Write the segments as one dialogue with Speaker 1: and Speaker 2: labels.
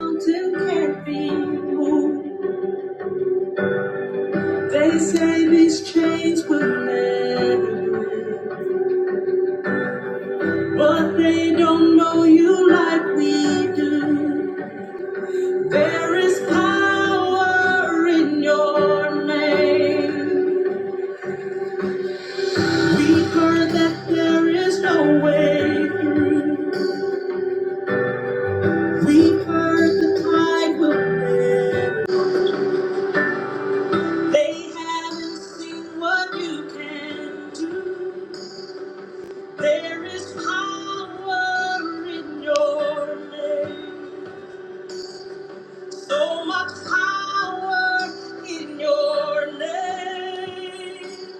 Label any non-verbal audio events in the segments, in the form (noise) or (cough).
Speaker 1: mountain can't be moved. They say these chains will never break, but they don't know you like we do. There is power in your name. We've heard that there is no way through. We've heard the tide will never. They haven't seen what you can do. There is power in your name. So much power in your name.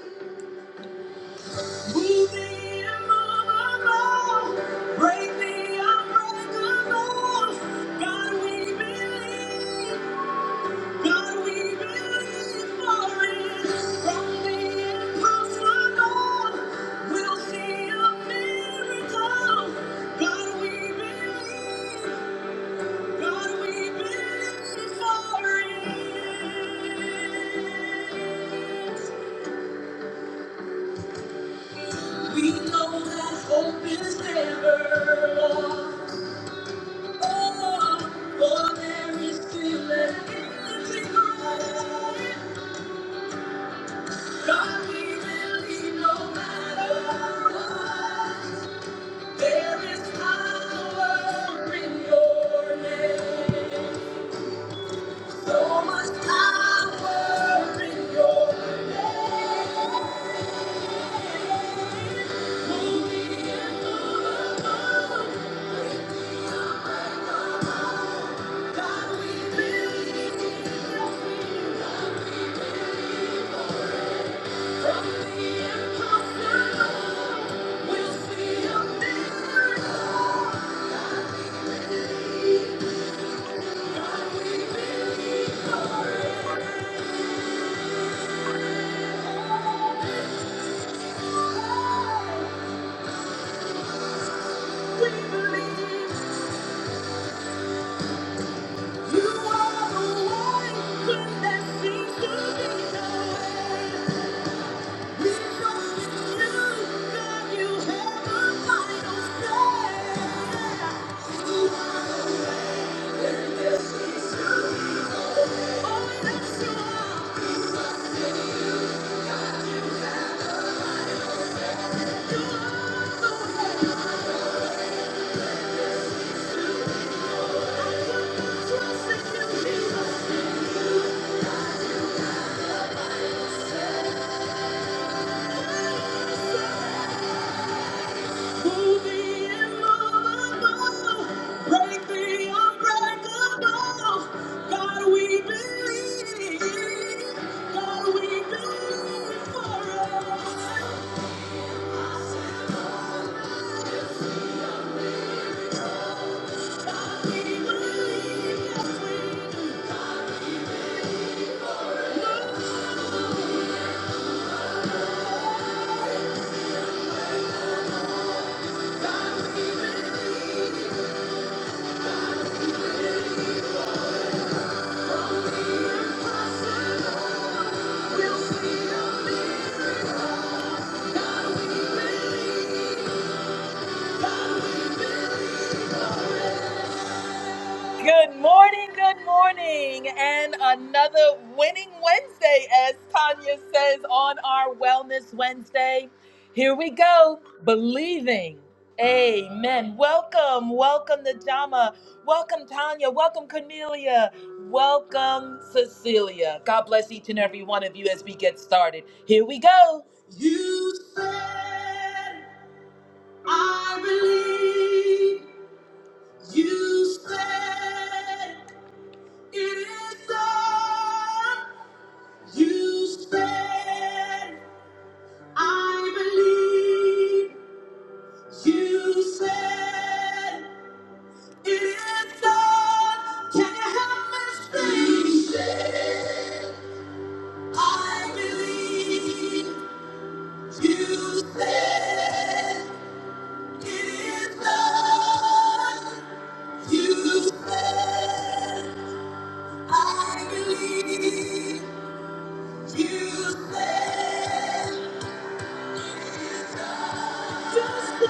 Speaker 1: Move the immovable. Break the unbreakable. God, we believe. God, we believe for it. From the impossible, we'll see a miracle. God, we believe. God, we've been sorry. We know that hope is never lost. Oh, but there is still an empty grave. God, we believe no matter what, there is power in your name. So much power in your name. God, we believe. Oh, that's you are, trust in you, Jesus. Forever. we believe. yes We you. Good morning, good morning, and another winning Wednesday, as Tanya says on our Wellness Wednesday. Here we go, believing. Amen. Welcome, welcome, Najama. Welcome, Tanya. Welcome, Cornelia. Welcome, Cecilia. God bless each and every one of you as we get started. Here we go. You said, I believe. You said, it is done. You said, I believe. You said, it is done. Can you help me sing? You said, I believe. You said, it is done. You said, I believe. You said. Thank you.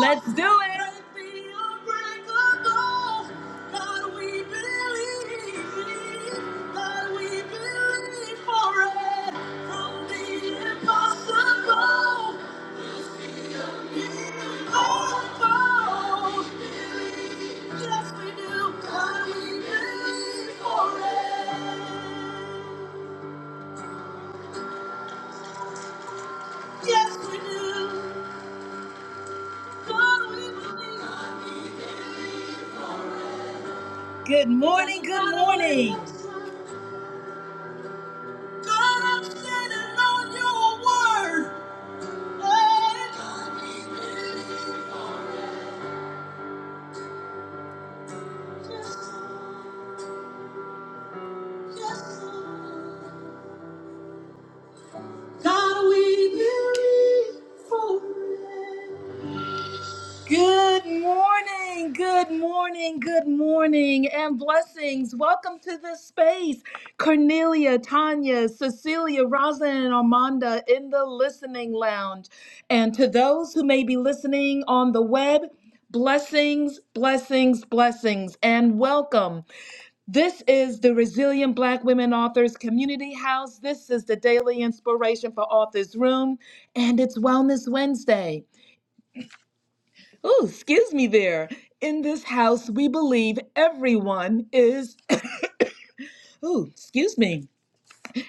Speaker 1: Let's do it. Yes, Yes, Good morning, good morning. God, I'm standing on your word. Hey, yes, Lord. God, we believe for it. Good morning, good morning, good morning, and blessings. Welcome to this space. Cornelia, Tanya, Cecilia, Rosalind, and Armanda in the listening lounge. And to those who may be listening on the web, blessings, blessings, blessings, and welcome. This is the Resilient Black Women Authors Community House. This is the daily inspiration for Authors Room, and it's Wellness Wednesday. Oh, excuse me there. In this house, we believe everyone is, (coughs) oh, excuse me.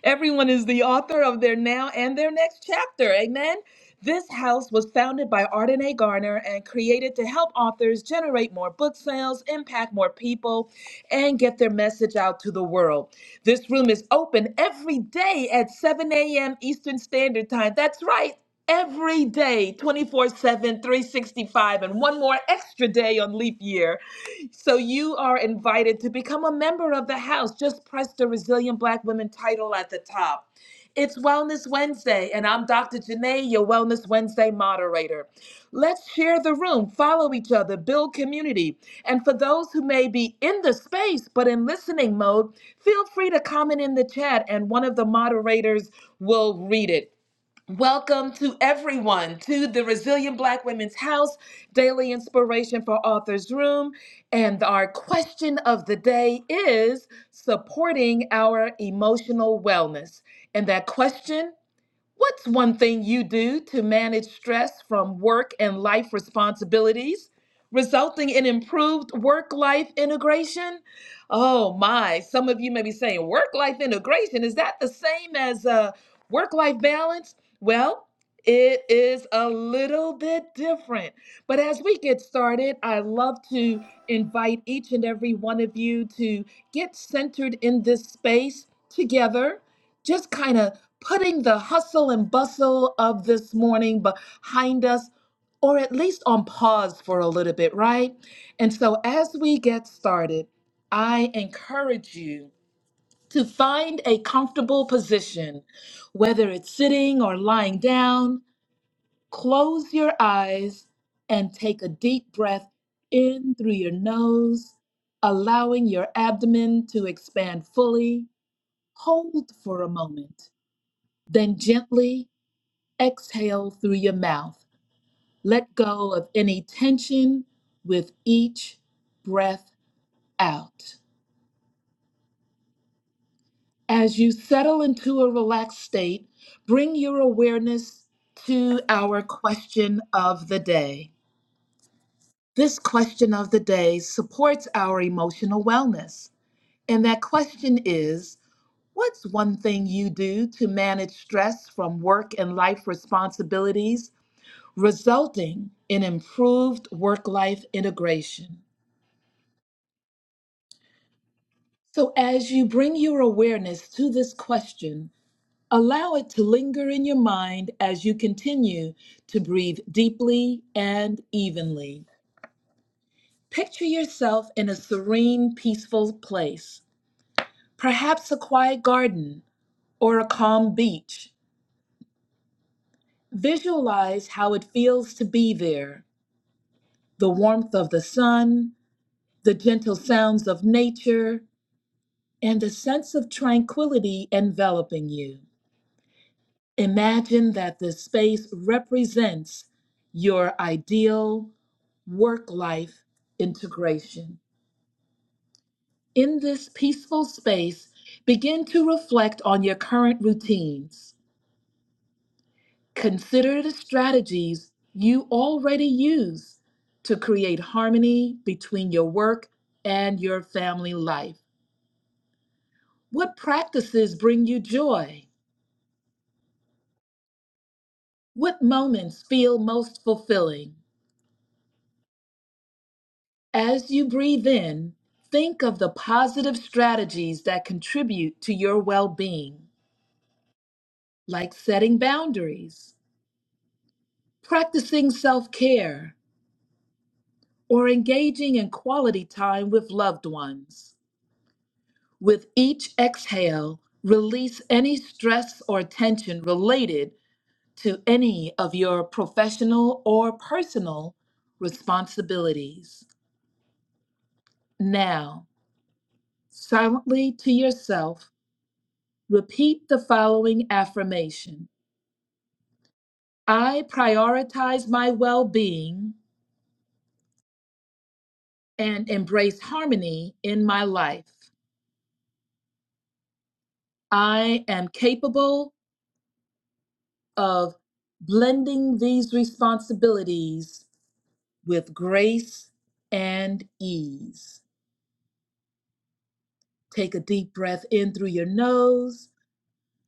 Speaker 1: Everyone is the author of their now and their next chapter. Amen. This house was founded by Arden A. Garner and created to help authors generate more book sales, impact more people, and get their message out to the world. This room is open every day at 7 a.m. Eastern Standard Time. That's right. Every day, 24 7, 365, and one more extra day on leap year. So you are invited to become a member of the house. Just press the Resilient Black Women title at the top. It's Wellness Wednesday, and I'm Dr. Janae, your Wellness Wednesday moderator. Let's share the room, follow each other, build community. And for those who may be in the space but in listening mode, feel free to comment in the chat, and one of the moderators will read it. Welcome to everyone to the Resilient Black Women's House Daily Inspiration for Authors Room. And our question of the day is supporting our emotional wellness. And that question? What's one thing you do to manage stress from work and life responsibilities, resulting in improved work life integration? Oh my, some of you may be saying, work life integration, is that the same as uh, work life balance? Well, it is a little bit different. But as we get started, I love to invite each and every one of you to get centered in this space together just kind of putting the hustle and bustle of this morning behind us, or at least on pause for a little bit, right? And so, as we get started, I encourage you to find a comfortable position, whether it's sitting or lying down. Close your eyes and take a deep breath in through your nose, allowing your abdomen to expand fully. Hold for a moment, then gently Exhale through your mouth. Let go of any tension with each breath out. As you settle into a relaxed state, bring your awareness to our question of the day. This question of the day supports our emotional wellness. And that question is What's one thing you do to manage stress from work and life responsibilities resulting in improved work life integration. So, as you bring your awareness to this question, allow it to linger in your mind as you continue to breathe deeply and evenly. Picture yourself in a serene, peaceful place, perhaps a quiet garden or a calm beach. Visualize how it feels to be there the warmth of the sun, the gentle sounds of nature, and a sense of tranquility enveloping you. Imagine that the space represents your ideal work life integration. In this peaceful space, begin to reflect on your current routines. Consider the strategies you already use to create harmony between your work and your family life. What practices bring you joy? What moments feel most fulfilling? As you breathe in, think of the positive strategies that contribute to your well being, like setting boundaries, practicing self care, or engaging in quality time with loved ones. With each exhale, release any stress or tension related to any of your professional or personal responsibilities. Now, silently to yourself, repeat the following affirmation I prioritize my well being and embrace harmony in my life. I am capable of blending these responsibilities with grace and ease. Take a deep breath in through your nose,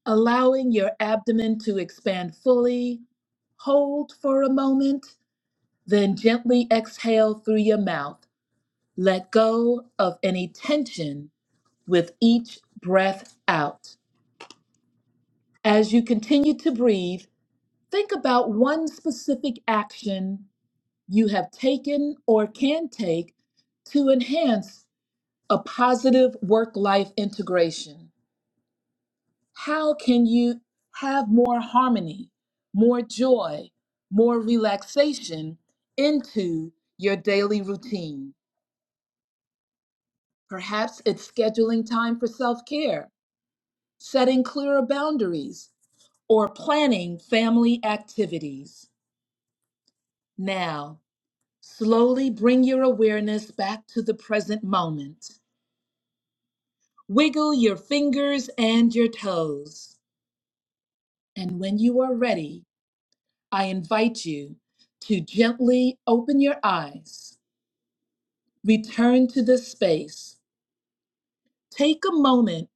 Speaker 1: allowing your abdomen to expand fully. Hold for a moment Then gently exhale through your mouth. Let go of any tension with each breath out. As you continue to breathe, think about one specific action you have taken or can take to enhance a positive work life integration. How can you have more harmony, more joy, more relaxation into your daily routine? Perhaps it's scheduling time for self care, setting clearer boundaries, or planning family activities. Now, slowly bring your awareness back to the present moment. Wiggle your fingers and your toes. And when you are ready, I invite you to gently open your eyes, return to this space, take a moment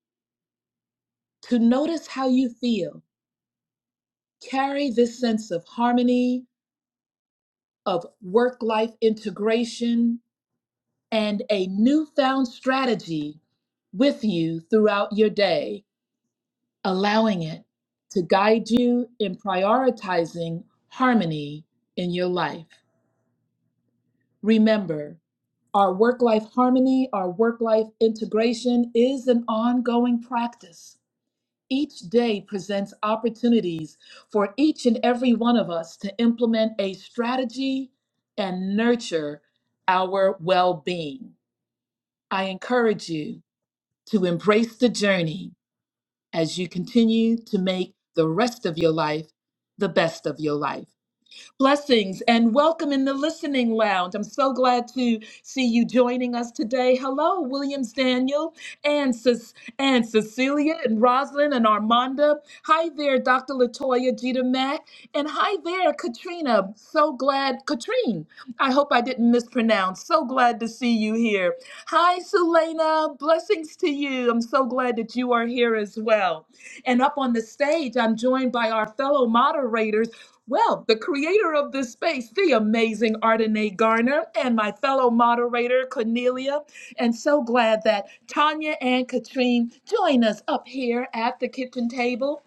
Speaker 1: to notice how you feel. Carry this sense of harmony of work life integration and a newfound strategy with you throughout your day, allowing it to guide you in prioritizing harmony in your life. Remember, our work life harmony, our work life integration is an ongoing practice Each day presents opportunities for each and every one of us to implement a strategy and nurture our well being. I encourage you to embrace the journey as you continue to make the rest of your life the best of your life. Blessings and welcome in the listening lounge. I'm so glad to see you joining us today. Hello, Williams Daniel and, Ce- and Cecilia and Rosalind and Armanda. Hi there, Dr. Latoya Jeter Mack. And hi there, Katrina. So glad, Katrine. I hope I didn't mispronounce. So glad to see you here. Hi, Selena. Blessings to you. I'm so glad that you are here as well. And up on the stage, I'm joined by our fellow moderators. Well, the creator of this space, the amazing Ardenae Garner, and my fellow moderator, Cornelia. And so glad that Tanya and Katrine join us up here at the kitchen table.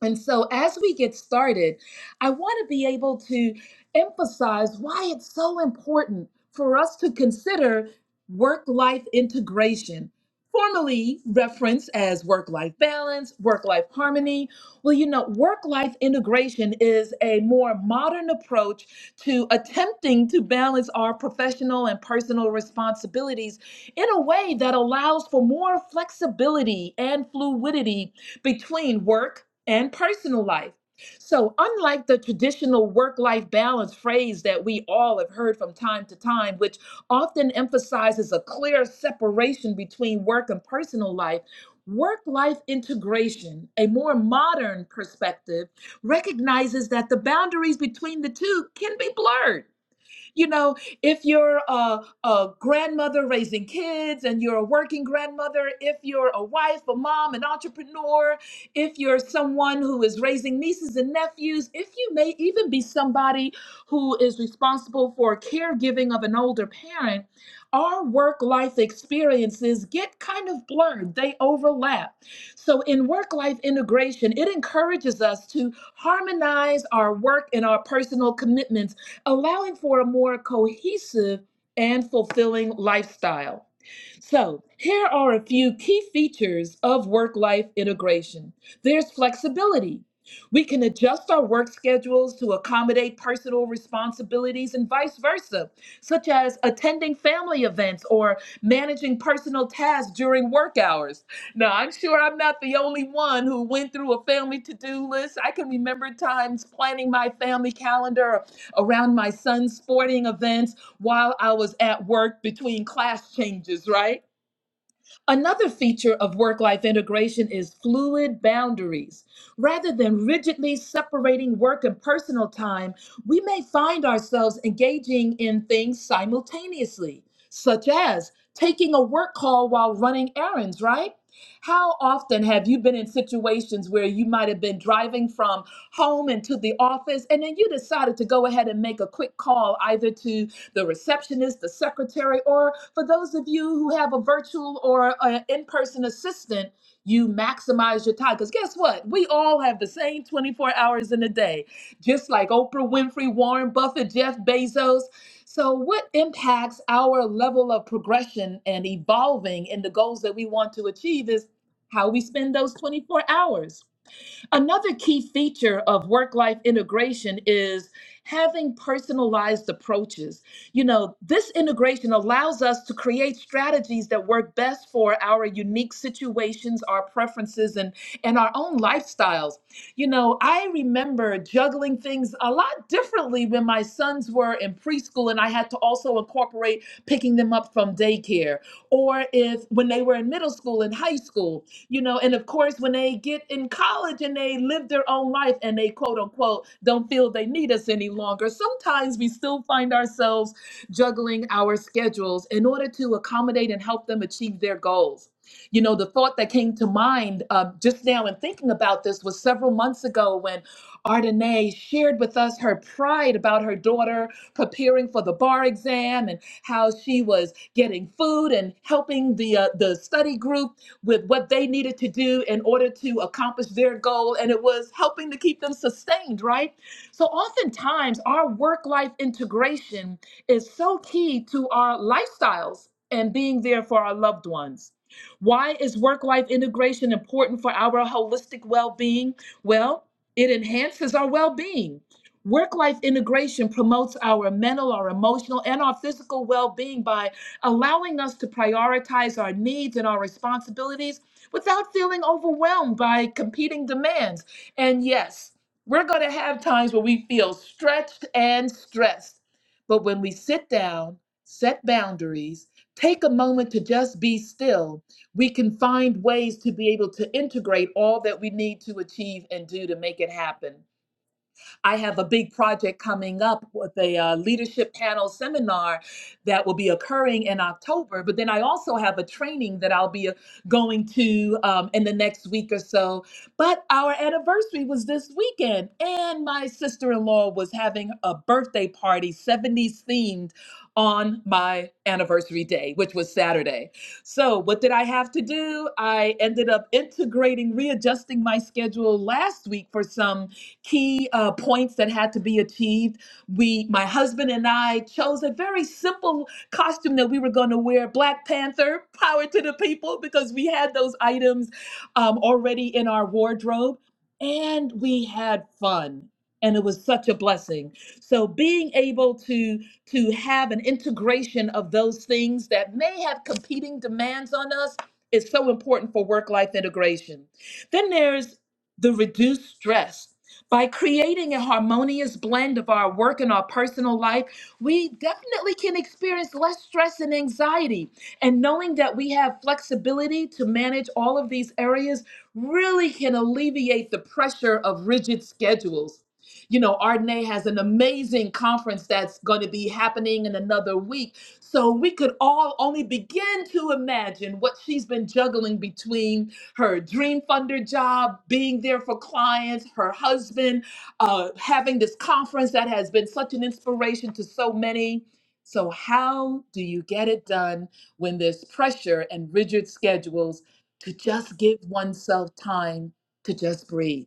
Speaker 1: And so, as we get started, I want to be able to emphasize why it's so important for us to consider work life integration, formerly referenced as work life balance, work life harmony. Well, you know, work life integration is a more modern approach to attempting to balance our professional and personal responsibilities in a way that allows for more flexibility and fluidity between work and personal life. So, unlike the traditional work life balance phrase that we all have heard from time to time, which often emphasizes a clear separation between work and personal life, work life integration, a more modern perspective, recognizes that the boundaries between the two can be blurred you know, if you're a, a grandmother raising kids and you're a working grandmother, if you're a wife, a mom, an entrepreneur, if you're someone who is raising nieces and nephews, if you may even be somebody who is responsible for caregiving of an older parent, our work life experiences get kind of blurred, they overlap. So, in work life integration, it encourages us to harmonize our work and our personal commitments allowing for a more cohesive and fulfilling lifestyle. So, here are a few key features of work life integration there's flexibility. We can adjust our work schedules to accommodate personal responsibilities and vice versa, such as attending family events or managing personal tasks during work hours. Now, I'm sure I'm not the only one who went through a family to do list. I can remember times planning my family calendar around my son's sporting events while I was at work between class changes, right? Another feature of work life integration is fluid boundaries. Rather than rigidly separating work and personal time, we may find ourselves engaging in things simultaneously, such as taking a work call while running errands, right? How often have you been in situations where you might have been driving from home into the office, and then you decided to go ahead and make a quick call either to the receptionist, the secretary, or for those of you who have a virtual or an in person assistant, you maximize your time. Because guess what? We all have the same 24 hours in a day, just like Oprah Winfrey, Warren Buffett, Jeff Bezos. So, what impacts our level of progression and evolving in the goals that we want to achieve is how we spend those 24 hours. Another key feature of work life integration is having personalized approaches. You know, this integration allows us to create strategies that work best for our unique situations, our preferences, and, and our own lifestyles. You know, I remember juggling things a lot differently when my sons were in preschool and I had to also incorporate picking them up from daycare, or if when they were in middle school and high school you know and of course when they get in college and they live their own life and they quote unquote don't feel they need us any longer sometimes we still find ourselves juggling our schedules in order to accommodate and help them achieve their goals you know the thought that came to mind um, just now in thinking about this was several months ago when Ardenae shared with us her pride about her daughter preparing for the bar exam and how she was getting food and helping the uh, the study group with what they needed to do in order to accomplish their goal. And it was helping to keep them sustained, right? So oftentimes, our work life integration is so key to our lifestyles and being there for our loved ones. Why is work life integration important for our holistic well being? Well, it enhances our well being. Work life integration promotes our mental, our emotional, and our physical well being by allowing us to prioritize our needs and our responsibilities without feeling overwhelmed by competing demands. And yes, we're going to have times where we feel stretched and stressed. But when we sit down, set boundaries, take a moment to just be still, we can find ways to be able to integrate all that we need to achieve and do to make it happen. I have a big project coming up with a uh, leadership panel seminar that will be occurring in October. But then I also have a training that I'll be uh, going to um, in the next week or so. But our anniversary was this weekend, and my sister in law was having a birthday party, 70s themed, on my anniversary day, which was Saturday. So, what did I have to do? I ended up integrating, readjusting my schedule last week for some key uh, points that had to be achieved. We, my husband and I, chose a very simple costume that we were going to wear: Black Panther, power to the people, because we had those items um, already in our wardrobe, and we had fun. And it was such a blessing. So being able to to have an integration of those things that may have competing demands on us is so important for work life integration. Then there's the reduced stress by creating a harmonious blend of our work and our personal life, we definitely can experience less stress and anxiety. And knowing that we have flexibility to manage all of these areas really can alleviate the pressure of rigid schedules. You know, Ardenay has an amazing conference that's going to be happening in another week. So we could all only begin to imagine what she's been juggling between her dream funder job, being there for clients, her husband, uh, having this conference that has been such an inspiration to so many. So, how do you get it done when there's pressure and rigid schedules to just give oneself time to just breathe?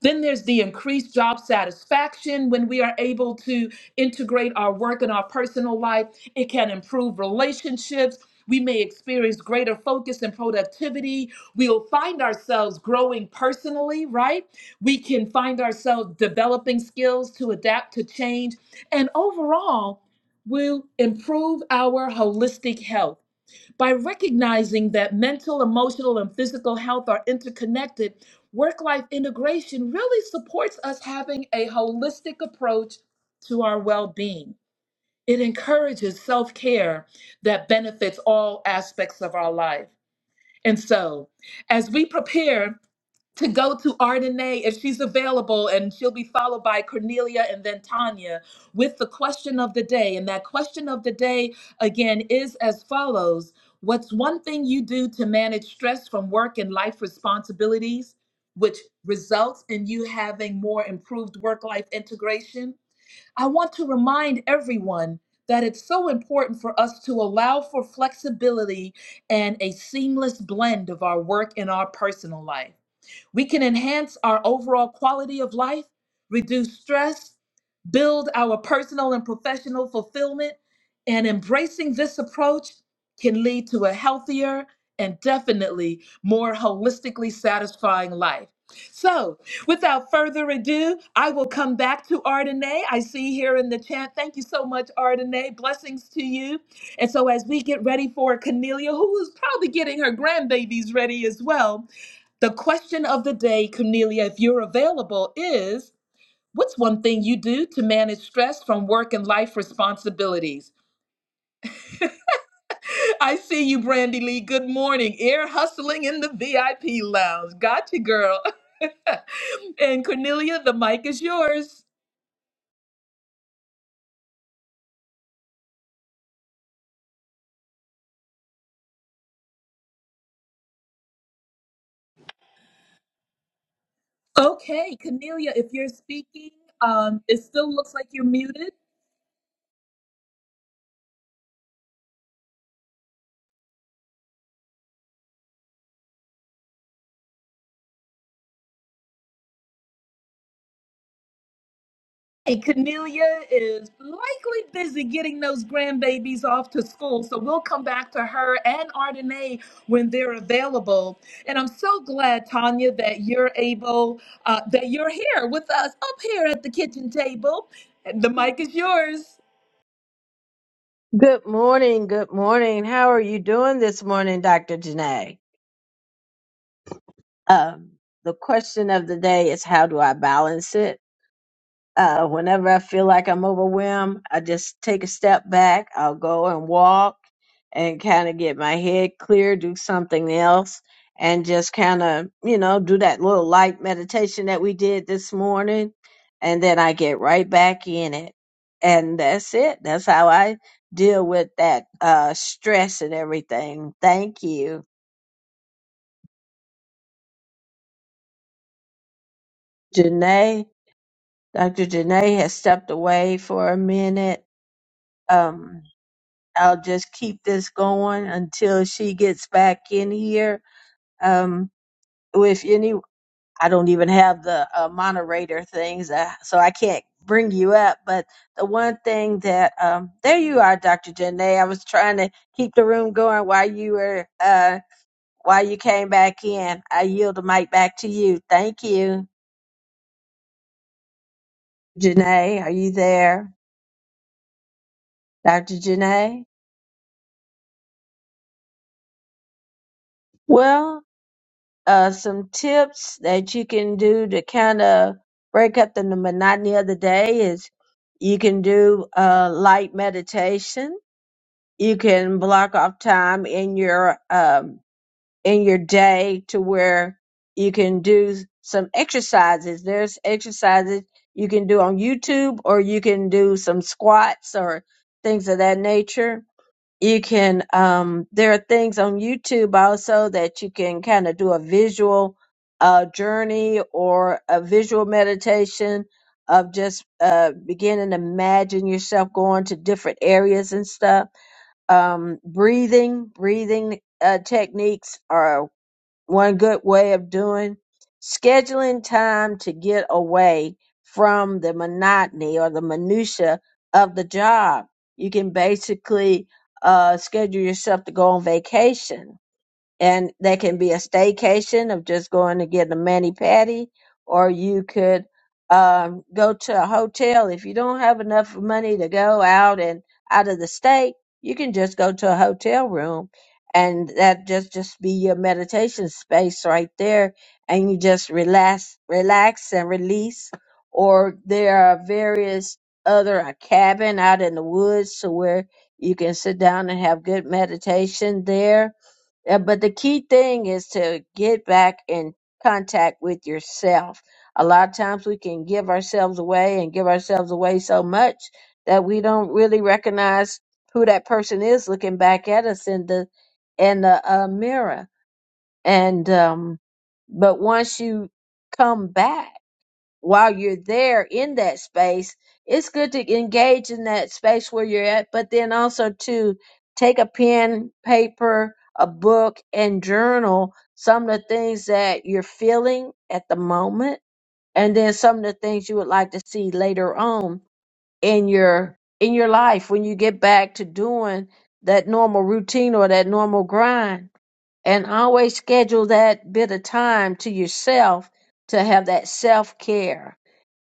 Speaker 1: Then there's the increased job satisfaction when we are able to integrate our work and our personal life. It can improve relationships. We may experience greater focus and productivity. We'll find ourselves growing personally, right? We can find ourselves developing skills to adapt to change. And overall, we'll improve our holistic health by recognizing that mental, emotional, and physical health are interconnected, work life integration really supports us having a holistic approach to our well being. It encourages self care that benefits all aspects of our life. And so, as we prepare to go to Ardenae if she's available, and she'll be followed by Cornelia and then Tanya with the question of the day. And that question of the day, again, is as follows What's one thing you do to manage stress from work and life responsibilities, which results in you having more improved work life integration? I want to remind everyone. That it's so important for us to allow for flexibility and a seamless blend of our work and our personal life. We can enhance our overall quality of life, reduce stress, build our personal and professional fulfillment. And embracing this approach can lead to a healthier and definitely more holistically satisfying life. So, without further ado, I will come back to Ardenae. I see here in the chat. Thank you so much, Ardenae. Blessings to you. And so, as we get ready for Cornelia, who is probably getting her grandbabies ready as well, the question of the day, Cornelia, if you're available, is what's one thing you do to manage stress from work and life responsibilities? (laughs) I see you, Brandy Lee. Good morning. Air hustling in the VIP lounge. Gotcha, girl. (laughs) and Cornelia, the mic is yours. Okay, Cornelia, if you're speaking, um, it still looks like you're muted. Hey, Cornelia is likely busy getting those grandbabies off to school, so we'll come back to her and Ardenae when they're available. And I'm so glad, Tanya, that you're able, uh, that you're here with us up here at the kitchen table. And the mic is yours.
Speaker 2: Good morning. Good morning. How are you doing this morning, Dr. Janae? Um, the question of the day is how do I balance it? Uh, whenever I feel like I'm overwhelmed, I just take a step back. I'll go and walk and kind of get my head clear, do something else, and just kind of, you know, do that little light meditation that we did this morning. And then I get right back in it. And that's it. That's how I deal with that uh, stress and everything. Thank you. Janae, Dr. Janae has stepped away for a minute. Um, I'll just keep this going until she gets back in here. Um, with any, I don't even have the uh, moderator things, uh, so I can't bring you up. But the one thing that, um, there you are, Dr. Janae. I was trying to keep the room going while you were, uh, while you came back in. I yield the mic back to you. Thank you, Janae. Are you there, Dr. Janae? Well, uh, some tips that you can do to kind of break up the monotony of the day is you can do uh, light meditation. You can block off time in your um, in your day to where you can do some exercises. There's exercises you can do on YouTube, or you can do some squats or things of that nature you can um there are things on YouTube also that you can kind of do a visual uh journey or a visual meditation of just uh beginning to imagine yourself going to different areas and stuff um breathing breathing uh techniques are one good way of doing scheduling time to get away from the monotony or the minutia of the job. You can basically uh, schedule yourself to go on vacation and that can be a staycation of just going to get a mani patty, or you could um, go to a hotel if you don't have enough money to go out and out of the state. You can just go to a hotel room, and that just just be your meditation space right there, and you just relax, relax and release. Or there are various other a cabin out in the woods to where you can sit down and have good meditation there uh, but the key thing is to get back in contact with yourself. A lot of times we can give ourselves away and give ourselves away so much that we don't really recognize who that person is looking back at us in the in the uh, mirror. And um, but once you come back while you're there in that space, it's good to engage in that space where you're at, but then also to take a pen, paper, a book, and journal some of the things that you're feeling at the moment, and then some of the things you would like to see later on in your in your life when you get back to doing that normal routine or that normal grind. And always schedule that bit of time to yourself to have that self care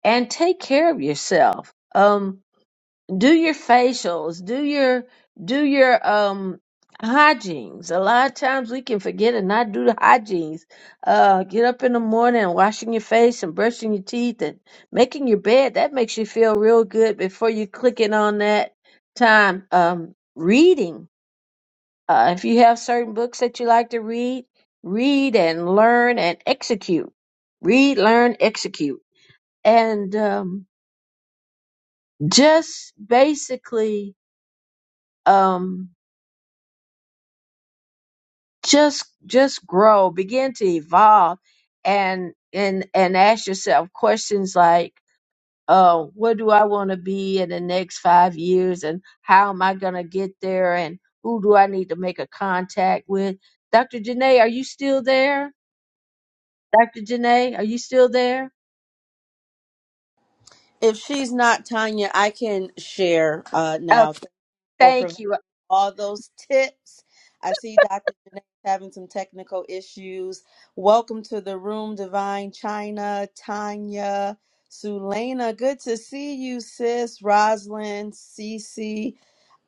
Speaker 2: and take care of yourself. Um, do your facials, do your do your um hygienes. A lot of times we can forget and not do the hygienes. Uh, get up in the morning and washing your face and brushing your teeth and making your bed. That makes you feel real good before you clicking on that time. Um, reading. Uh, if you have certain books that you like to read, read and learn and execute. Read, learn, execute, and um, just basically um just just grow begin to evolve and and and ask yourself questions like uh what do i want to be in the next five years and how am i going to get there and who do i need to make a contact with dr janae are you still there dr janae are you still there
Speaker 3: If she's not Tanya, I can share uh,
Speaker 2: oh
Speaker 3: now. Thank you for
Speaker 2: thank you
Speaker 3: all those tips. I see Dr. Janae having some technical issues. Welcome to the room, Divine China, Tanya, Sulena. Good to see you, sis. Roslyn, Cece,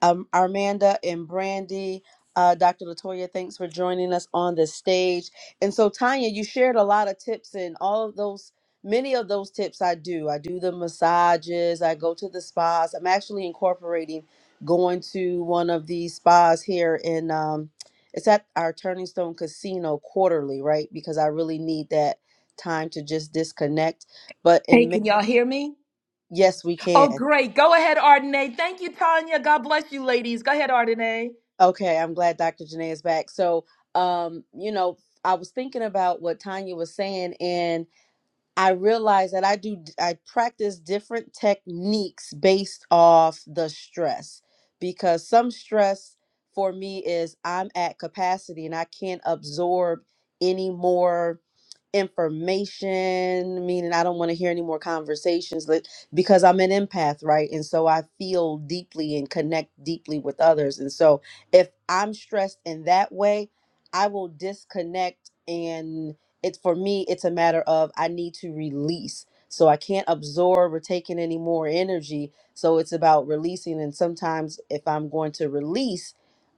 Speaker 3: um, Armanda, and Brandy. Uh, Dr. Latoya, thanks for joining us on the stage. And so, Tanya, you shared a lot of tips, and all of those, many of those tips I do. I do the massages, I go to the spas. I'm actually incorporating going to one of these spas here in um it's at our Turning Stone Casino quarterly, right? Because I really need that time to just disconnect. But
Speaker 1: Hey,
Speaker 3: in May,
Speaker 1: can y'all hear me?
Speaker 3: yes, we
Speaker 1: Oh,
Speaker 3: can.
Speaker 1: great. Go ahead, Ardenae. Thank you, Tanya. God bless you, ladies. Go ahead, Ardenae.
Speaker 3: Okay, I'm glad Dr. Janae is back. So, um, you know, I was thinking about what Tanya was saying, and I realize that I do I practice different techniques based off the stress because some stress for me is I'm at capacity and I can't absorb any more information meaning i don't want to hear any more conversations like, because i'm an empath right and so i feel deeply and connect deeply with others and so if i'm stressed in that way i will disconnect and it's for me it's a matter of i need to release so i can't absorb or take in any more energy so it's about releasing and sometimes if i'm going to release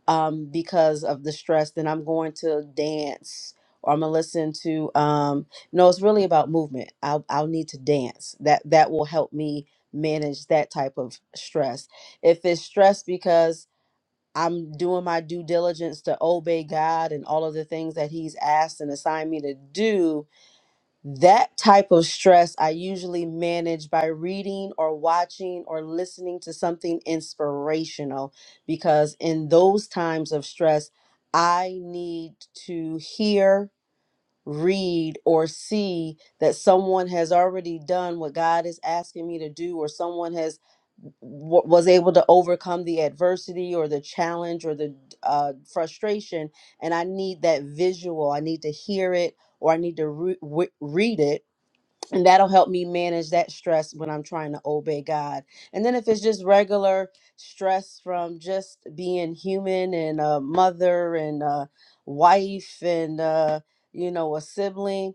Speaker 3: um because of the stress then i'm going to dance or I'm gonna listen to um no, it's really about movement. I'll I'll need to dance. That that will help me manage that type of stress. If it's stress because I'm doing my due diligence to obey God and all of the things that He's asked and assigned me to do. That type of stress I usually manage by reading or watching or listening to something inspirational because in those times of stress, I need to hear read or see that someone has already done what God is asking me to do or someone has w- was able to overcome the adversity or the challenge or the uh, frustration and i need that visual i need to hear it or i need to re- w- read it and that'll help me manage that stress when I'm trying to obey God. And then if it's just regular stress from just being human and a mother and a wife and uh you know a sibling,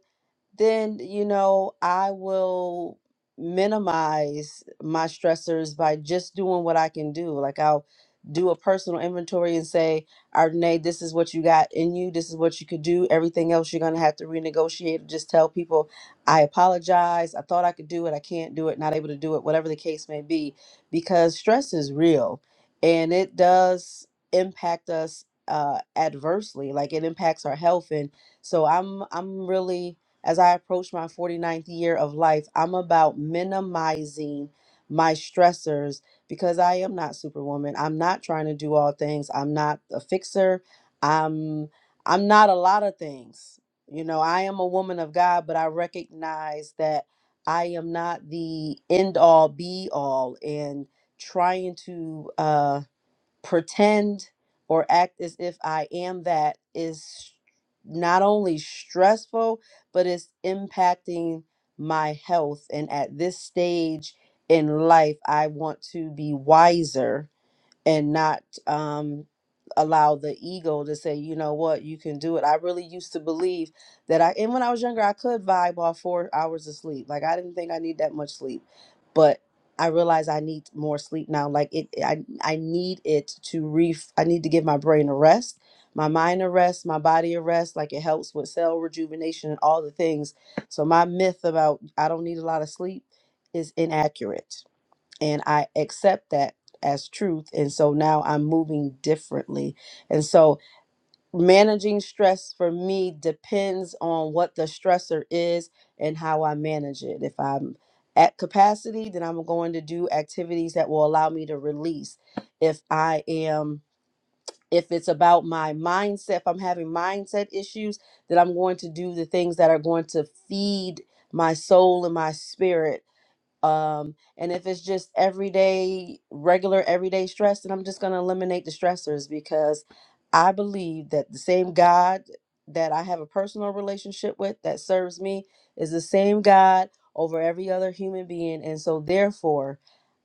Speaker 3: then you know i will minimize my stressors by just doing what i can do like i'll do a personal inventory and say Ardenae, this is what you got in you this is what you could do everything else you're going to have to renegotiate just tell people i apologize i thought i could do it i can't do it not able to do it whatever the case may be because stress is real and it does impact us uh adversely like it impacts our health and so i'm i'm really as I approach my forty ninth year of life, I'm about minimizing my stressors because I am not superwoman. I'm not trying to do all things. I'm not a fixer. I'm I'm not a lot of things. You know, I am a woman of God, but I recognize that I am not the end all be all and trying to uh pretend or act as if I am that is not only stressful, but it's impacting my health. And at this stage in life, I want to be wiser and not um, allow the ego to say, you know what, you can do it. I really used to believe that I, and when I was younger, I could vibe off four hours of sleep. Like I didn't think I need that much sleep, but I realize I need more sleep now. Like it, I, I need it to ref. I need to give my brain a rest, my mind a rest, my body a rest. Like it helps with cell rejuvenation and all the things. So my myth about I don't need a lot of sleep is inaccurate and I accept that as truth. And so now I'm moving differently. And so managing stress for me depends on what the stressor is and how I manage it. If I'm at capacity, then I'm going to do activities that will allow me to release. If I am if it's about my mindset, if I'm having mindset issues, then I'm going to do the things that are going to feed my soul and my spirit um, and if it's just everyday, regular, everyday stress, then I'm just going to eliminate the stressors because I believe that the same God that I have a personal relationship with that serves me is the same God over every other human being. And so, therefore,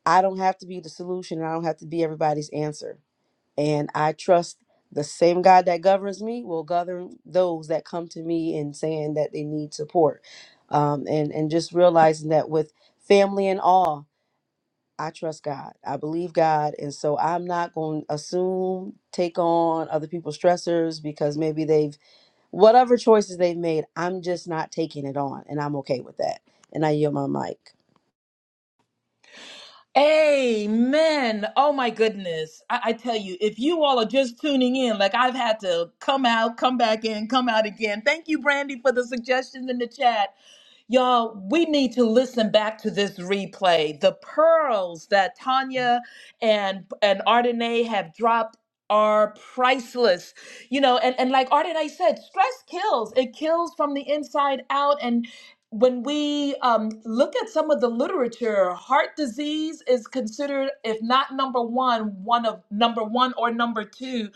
Speaker 3: I don't have to be the solution and I don't have to be everybody's answer. And I trust the same God that governs me will govern those that come to me and saying that they need support. Um, and, and just realizing that with family and all, I trust God. I believe God. And so I'm not going to assume, take on other people's stressors because maybe they've, whatever choices they've made, I'm just not taking it on. And I'm okay with that. And I yield my mic.
Speaker 1: Amen. Oh my goodness. I, I tell you, if you all are just tuning in, like I've had to come out, come back in, come out again. Thank you, Brandy, for the suggestions in the chat. Y'all, we need to listen back to this replay. The pearls that Tanya and and Ardenae have dropped are priceless. You know, and, and like Ardenae said, stress kills. It kills from the inside out. and when we um, look at some of the literature, heart disease is considered, if not number one, one of number one or number two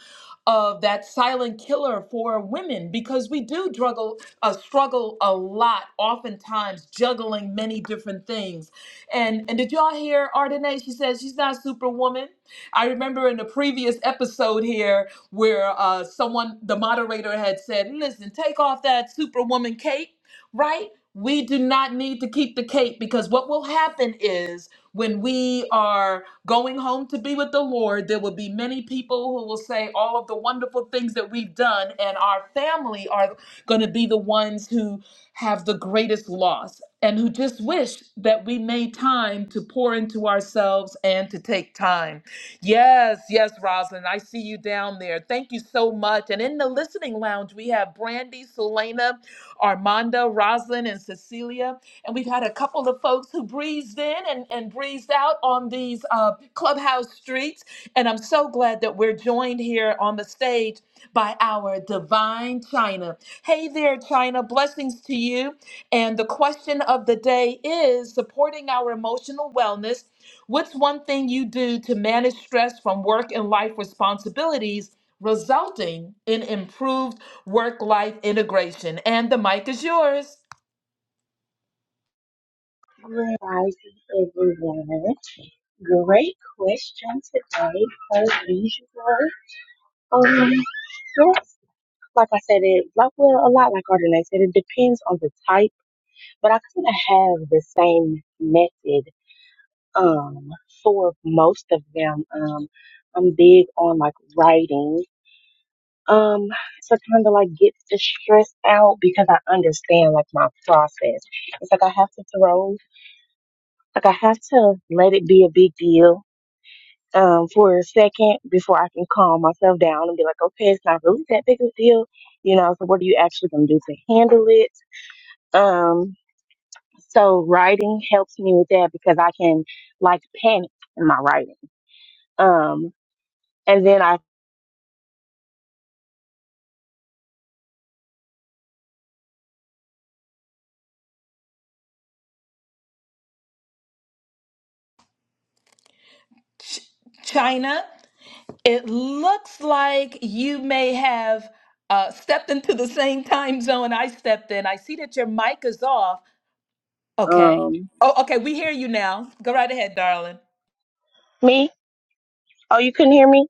Speaker 1: of that silent killer for women because we do struggle, uh, struggle a lot, oftentimes juggling many different things. And and did y'all hear Ardenae? She says she's not superwoman. I remember in the previous episode here where uh, someone, the moderator, had said, "Listen, take off that superwoman cape." right? we do not need to keep the cape because what will happen is when we are going home to be with the Lord, there will be many people who will say all of the wonderful things that we've done, and our family are going to be the ones who have the greatest loss and who just wish that we made time to pour into ourselves and to take time. Yes, yes, Rosalind, I see you down there. Thank you so much. And in the listening lounge, we have Brandy, Selena. Armanda, Roslyn, and Cecilia. And we've had a couple of folks who breezed in and, and breezed out on these uh, clubhouse streets. And I'm so glad that we're joined here on the stage by our divine China. Hey there, China. Blessings to you. And the question of the day is supporting our emotional wellness. What's one thing you do to manage stress from work and life responsibilities, resulting in improved work life integration? And the mic is yours.
Speaker 4: Good rising, everyone. Great question today, as usual. Um, yes, like I said, it like well, a lot like Ardenay said, it depends on the type, but I kind of have the same method um for most of them. Um, I'm big on like writing. Um, to kind of like get the stress out because I understand like my process. It's like I have to throw, like I have to let it be a big deal um, for a second before I can calm myself down and be like, okay, it's not really that big of a deal. You know, so what are you actually going to do to handle it? Um, so writing helps me with that because I can like panic in my writing. Um, and then I,
Speaker 1: Ch- China, it looks like you may have uh, stepped into the same time zone I stepped in. I see that your mic is off. Okay.
Speaker 4: um,
Speaker 1: Oh, okay. We hear you now. Go right ahead, darling.
Speaker 4: me, oh, you couldn't hear me?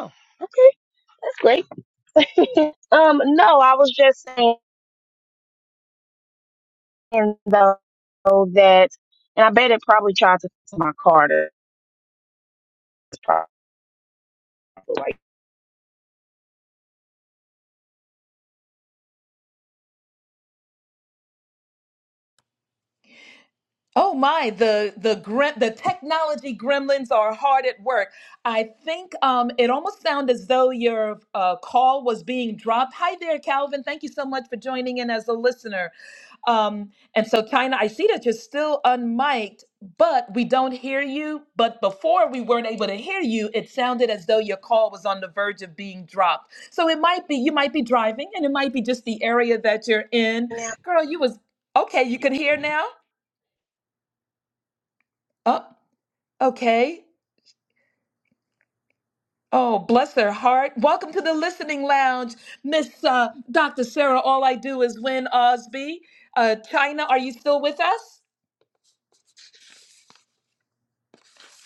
Speaker 4: Oh, okay. That's great. (laughs) um, no, I was just saying though that, and I bet it probably tried to my car to probably like,
Speaker 1: Oh my, the the grem- the technology gremlins are hard at work. I think um, it almost sounded as though your uh, call was being dropped. Hi there, Calvin. Thank you so much for joining in as a listener. Um, and so, China, I see that you're still unmiked, but we don't hear you. But before we weren't able to hear you, it sounded as though your call was on the verge of being dropped. So it might be you might be driving, and it might be just the area that you're in.
Speaker 4: now.
Speaker 1: Girl, you was okay. You can hear now. Oh. Okay. Oh, bless their heart. Welcome to the listening lounge, Miss uh, Dr. Sarah. All I do is win, Osby. Uh, China, are you still with us?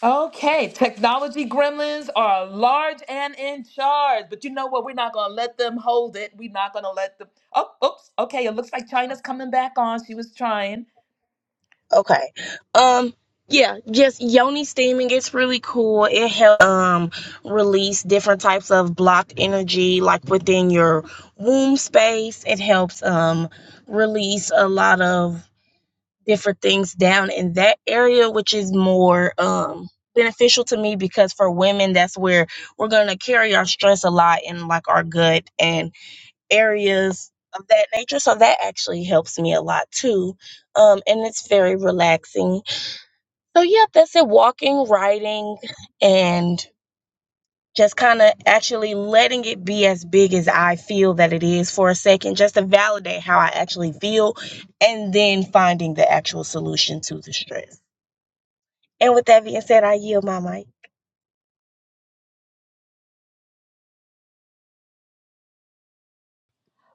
Speaker 1: Okay, technology gremlins are large and in charge, but you know what? We're not gonna let them hold it. We're not gonna let them. Oh, oops. Okay, it looks like China's coming back on. She was trying.
Speaker 4: Okay. Um yeah, just yoni steaming. It's really cool. It helps um release different types of blocked energy like within your womb space. It helps um release a lot of different things down in that area, which is more um beneficial to me because for women that's where we're gonna carry our stress a lot in like our gut and areas of that nature. So that actually helps me a lot too. Um and it's very relaxing so, yeah, that's it. Walking, writing, and just kind of actually letting it be as big as I feel that it is for a second, just to validate how I actually feel, and then finding the actual solution to the stress. And with that being said, I yield my mic.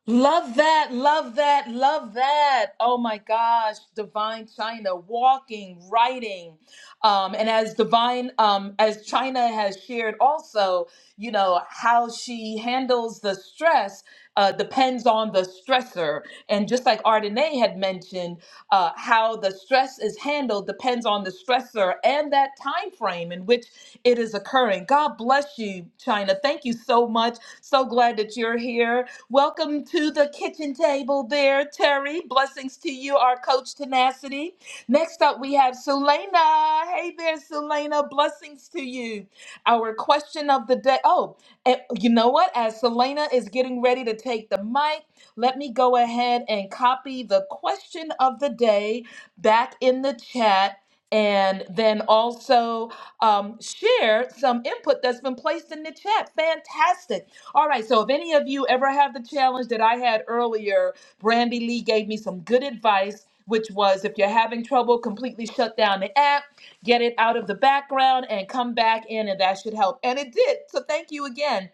Speaker 1: Love that, love that, love that. Oh my gosh, Divine China, walking, writing. Um, and as Divine, um, as China has shared also, you know, how she handles the stress uh, depends on the stressor. And just like Ardenae had mentioned, uh, how the stress is handled depends on the stressor and that time frame in which it is occurring. God bless you, China. Thank you so much. So glad that you're here Welcome to the kitchen table there, Terry. Blessings to you, our coach tenacity. Next up, we have Selena. Hey there, Selena. Blessings to you. Our question of the day. Oh, and you know what? As Selena is getting ready to take the mic, let me go ahead and copy the question of the day back in the chat. And then also um, share some input that's been placed in the chat. Fantastic. All right, so if any of you ever have the challenge that I had earlier, Brandy Lee gave me some good advice, which was if you're having trouble, completely shut down the app, get it out of the background, and come back in, and that should help. And it did. So thank you again.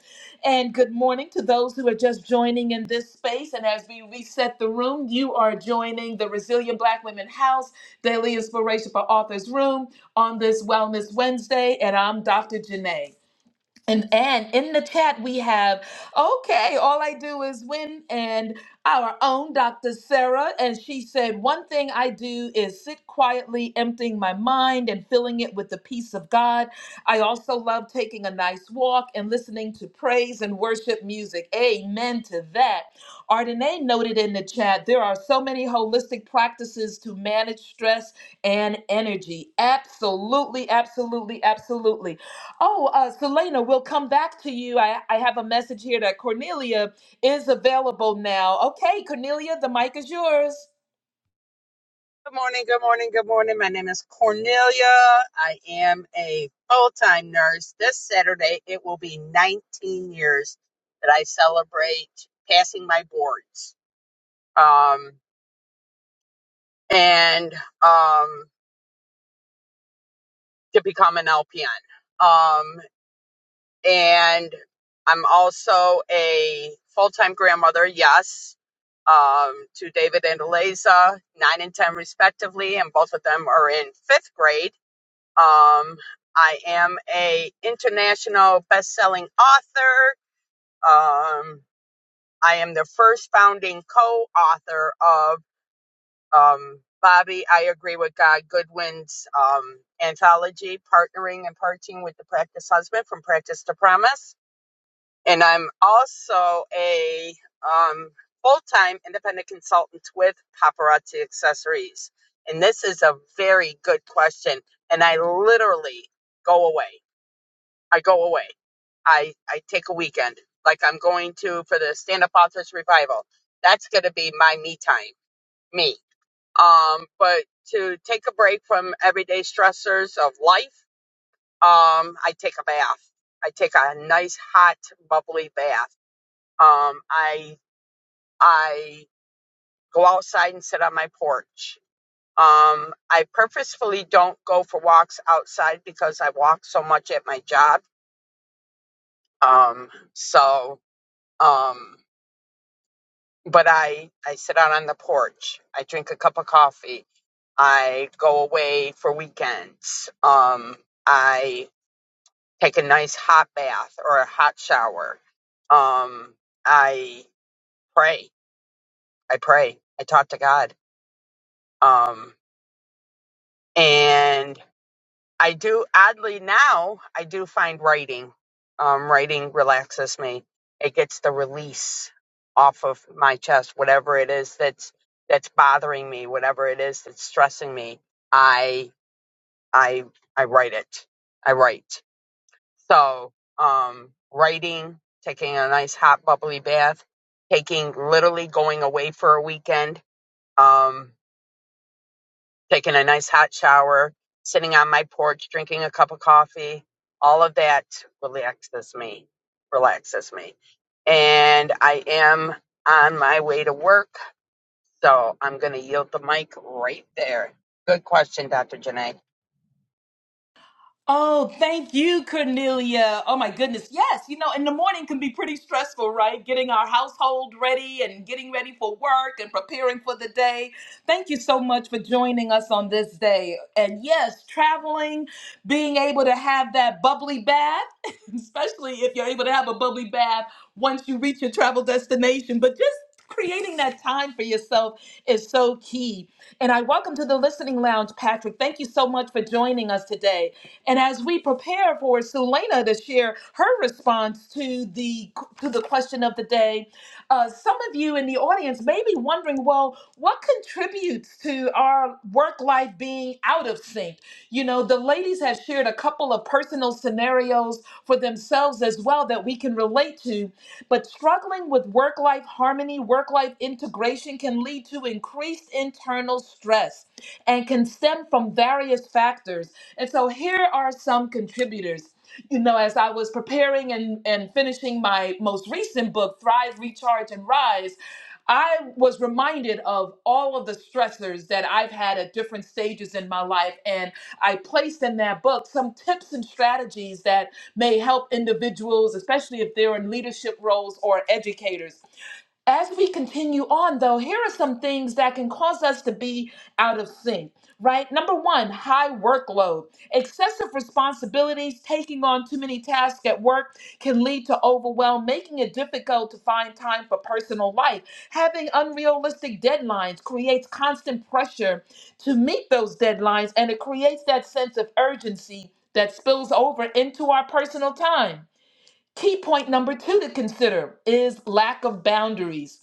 Speaker 1: And good morning to those who are just joining in this space. And as we reset the room, you are joining the Resilient Black Women House Daily Inspiration for Authors Room on this Wellness Wednesday. And I'm Dr. Janae. And and in the chat we have, okay, all I do is win and our own Dr. Sarah and she said one thing I do is sit quietly emptying my mind and filling it with the peace of God. I also love taking a nice walk and listening to praise and worship music. Amen to that. Ardenae noted in the chat, there are so many holistic practices to manage stress and energy. Absolutely, absolutely, absolutely. Oh, uh, Selena, we'll come back to you. I, I have a message here that Cornelia is available now. Okay, Cornelia, the mic is yours.
Speaker 5: Good morning, good morning, good morning. My name is Cornelia. I am a full time nurse. This Saturday, it will be 19 years that I celebrate passing my boards um, and um, to become an LPN. Um, and I'm also a full time grandmother, yes, um, to David and Eliza, nine and 10 respectively, and both of them are in fifth grade Um, I am a international best-selling author. Um, I am the first founding co-author of um, Bobby. I agree with God Goodwin's um, anthology, partnering and parting with the practice husband from practice to promise. And I'm also a um, full-time independent consultant with Paparazzi Accessories. And this is a very good question, and I literally go away. I go away. I I take a weekend. Like I'm going to for the stand up authors revival. That's gonna be my me time, me. Um, but to take a break from everyday stressors of life, um, I take a bath. I take a nice hot bubbly bath. Um, I I go outside and sit on my porch. Um, I purposefully don't go for walks outside because I walk so much at my job. Um, so um but I I sit out on the porch. I drink a cup of coffee. I go away for weekends. Um, I take a nice hot bath or a hot shower. Um, I pray. I pray. I talk to God. Um, and I do oddly now I do find writing um writing relaxes me. It gets the release off of my chest whatever it is that's that's bothering me, whatever it is that's stressing me. I I I write it. I write. So, um writing, taking a nice hot bubbly bath, taking literally going away for a weekend. Um taking a nice hot shower, sitting on my porch, drinking a cup of coffee. All of that relaxes me, relaxes me. And I am on my way to work, so I'm going to yield the mic right there. Good question, Dr. Janae.
Speaker 1: Oh, thank you, Cornelia. Oh my goodness. Yes, you know, in the morning can be pretty stressful, right? Getting our household ready and getting ready for work and preparing for the day. Thank you so much for joining us on this day. And yes, traveling, being able to have that bubbly bath, (laughs) especially if you're able to have a bubbly bath once you reach your travel destination, but just creating that time for yourself is so key. And I welcome to the listening lounge, Patrick. Thank you so much for joining us today. And as we prepare for Sulena to share her response to the to the question of the day, uh, some of you in the audience may be wondering, well, what contributes to our work life being out of sync? You know, the ladies have shared a couple of personal scenarios for themselves as well that we can relate to. But struggling with work life harmony, work life integration can lead to increased internal stress and can stem from various factors. And so here are some contributors. You know, as I was preparing and, and finishing my most recent book, Thrive, Recharge, and Rise, I was reminded of all of the stressors that I've had at different stages in my life. And I placed in that book some tips and strategies that may help individuals, especially if they're in leadership roles or educators as we continue on, though, here are some things that can cause us to be out of sync, right? Number one, high workload. Excessive responsibilities, taking on too many tasks at work can lead to overwhelm, making it difficult to find time for personal life. Having unrealistic deadlines creates constant pressure to meet those deadlines, and it creates that sense of urgency that spills over into our personal time. Key point number two to consider is lack of boundaries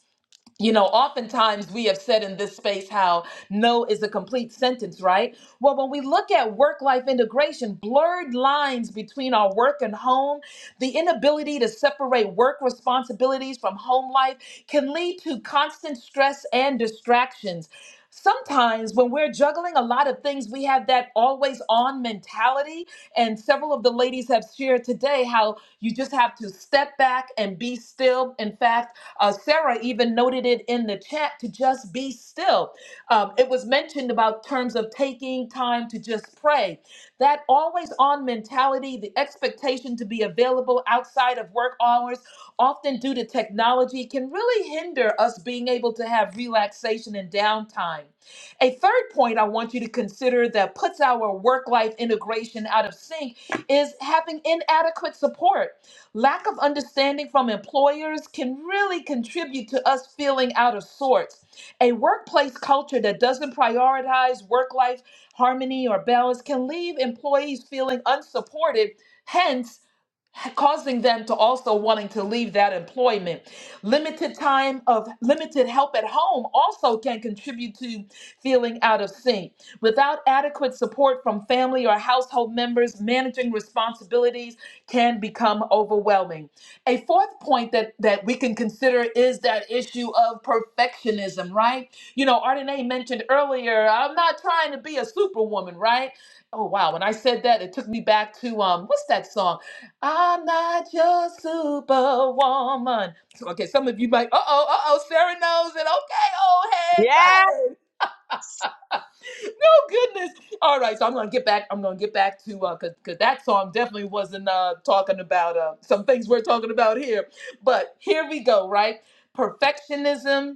Speaker 1: you know, oftentimes we have said in this space how no is a complete sentence, right? Well, when we look at work life integration, blurred lines between our work and home, the inability to separate work responsibilities from home life can lead to constant stress and distractions. Sometimes, when we're juggling a lot of things, we have that always on mentality. And several of the ladies have shared today how you just have to step back and be still. In fact, uh, Sarah even noted it in the chat to just be still. Um, it was mentioned about terms of taking time to just pray. That always on mentality, the expectation to be available outside of work hours, often due to technology, can really hinder us being able to have relaxation and downtime. A third point I want you to consider that puts our work life integration out of sync is having inadequate support. Lack of understanding from employers can really contribute to us feeling out of sorts. A workplace culture that doesn't prioritize work life harmony or balance can leave employees feeling unsupported. Hence, causing them to also wanting to leave that employment limited time of limited help at home also can contribute to feeling out of sync without adequate support from family or household members managing responsibilities can become overwhelming a fourth point that that we can consider is that issue of perfectionism right you know Ardenae mentioned earlier i'm not trying to be a superwoman right oh wow when i said that it took me back to um what's that song I'm not your superwoman. So, Okay, some of you might, uh oh, uh oh, Sarah knows it. Okay, old head, go
Speaker 5: Yeah.
Speaker 1: ahead. No goodness. All right, so I'm gonna get back. I'm gonna get back to uh, cause, cause that song definitely wasn't uh talking about uh some things we're talking about here. But here we go, right? Perfectionism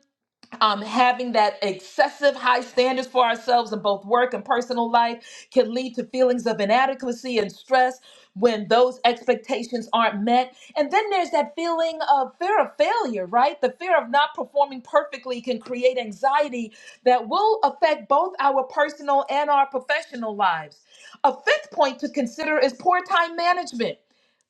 Speaker 1: um, having that excessive high standards for ourselves in both work and personal life can lead to feelings of inadequacy and stress when those expectations aren't met. And then there's that feeling of fear of failure, right? The fear of not performing perfectly can create anxiety that will affect both our personal and our professional lives. A fifth point to consider is poor time management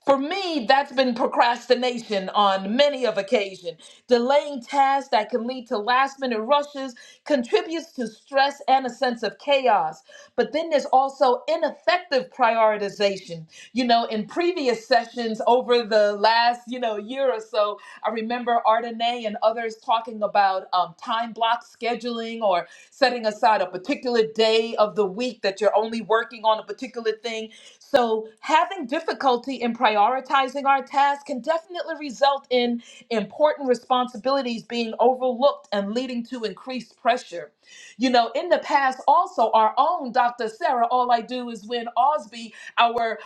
Speaker 1: for me, that's been procrastination on many of occasion. Delaying tasks that can lead to last minute rushes contributes to stress and a sense of chaos. But then there's also ineffective prioritization. You know, in previous sessions over the last, you know, year or so, I remember Ardenae and others talking about um, time block scheduling or setting aside a particular day of the week that you're only working on a particular thing so, having difficulty in prioritizing our tasks can definitely result in important responsibilities being overlooked and leading to increased pressure. You know, in the past, also, our own Dr. Sarah, all I do is win Osby, our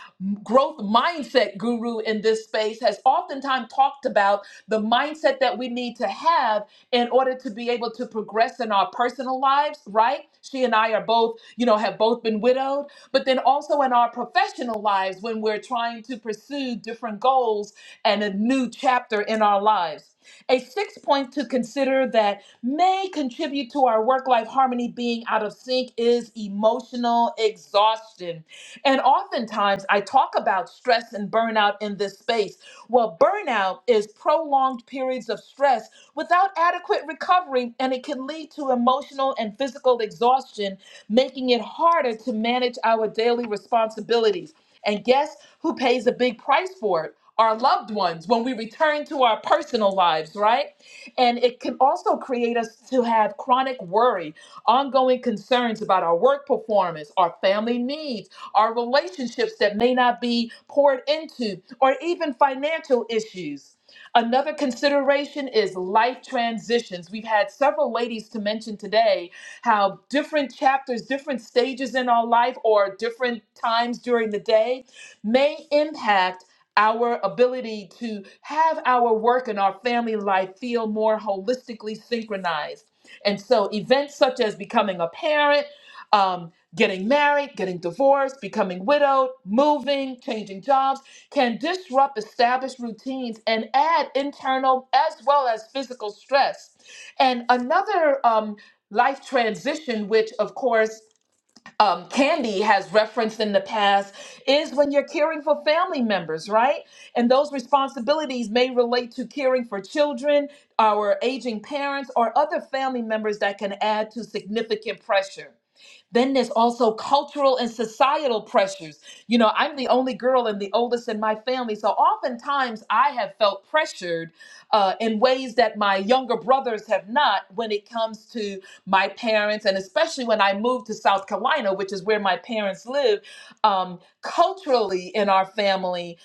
Speaker 1: growth mindset guru in this space, has oftentimes talked about the mindset that we need to have in order to be able to progress in our personal lives, right? She and I are both, you know, have both been widowed but then also in our professional lives when we're trying to pursue different goals and a new chapter in our lives. A sixth point to consider that may contribute to our work life harmony being out of sync is emotional exhaustion and oftentimes I talk about stress and burnout in this space. Well, burnout is prolonged periods of stress without adequate recovery, and it can lead to emotional and physical exhaustion, making it harder to manage our daily responsibilities. And guess who pays a big price for it? our loved ones, when we return to our personal lives, right? And it can also create us to have chronic worry, ongoing concerns about our work performance, our family needs, our relationships that may not be poured into, or even financial issues. Another consideration is life transitions. We've had several ladies to mention today how different chapters, different stages in our life, or different times during the day may impact our ability to have our work and our family life feel more holistically synchronized. And so, events such as becoming a parent, um, getting married, getting divorced, becoming widowed, moving, changing jobs can disrupt established routines and add internal as well as physical stress. And another um, life transition, which of course um, Candy has referenced in the past is when you're caring for family members, right? And those responsibilities may relate to caring for children, our aging parents, or other family members that can add to significant pressure. Then there's also cultural and societal pressures. You know, I'm the only girl and the oldest in my family. So oftentimes I have felt pressured uh, in ways that my younger brothers have not when it comes to my parents. And especially when I moved to South Carolina, which is where my parents live, um, culturally in our family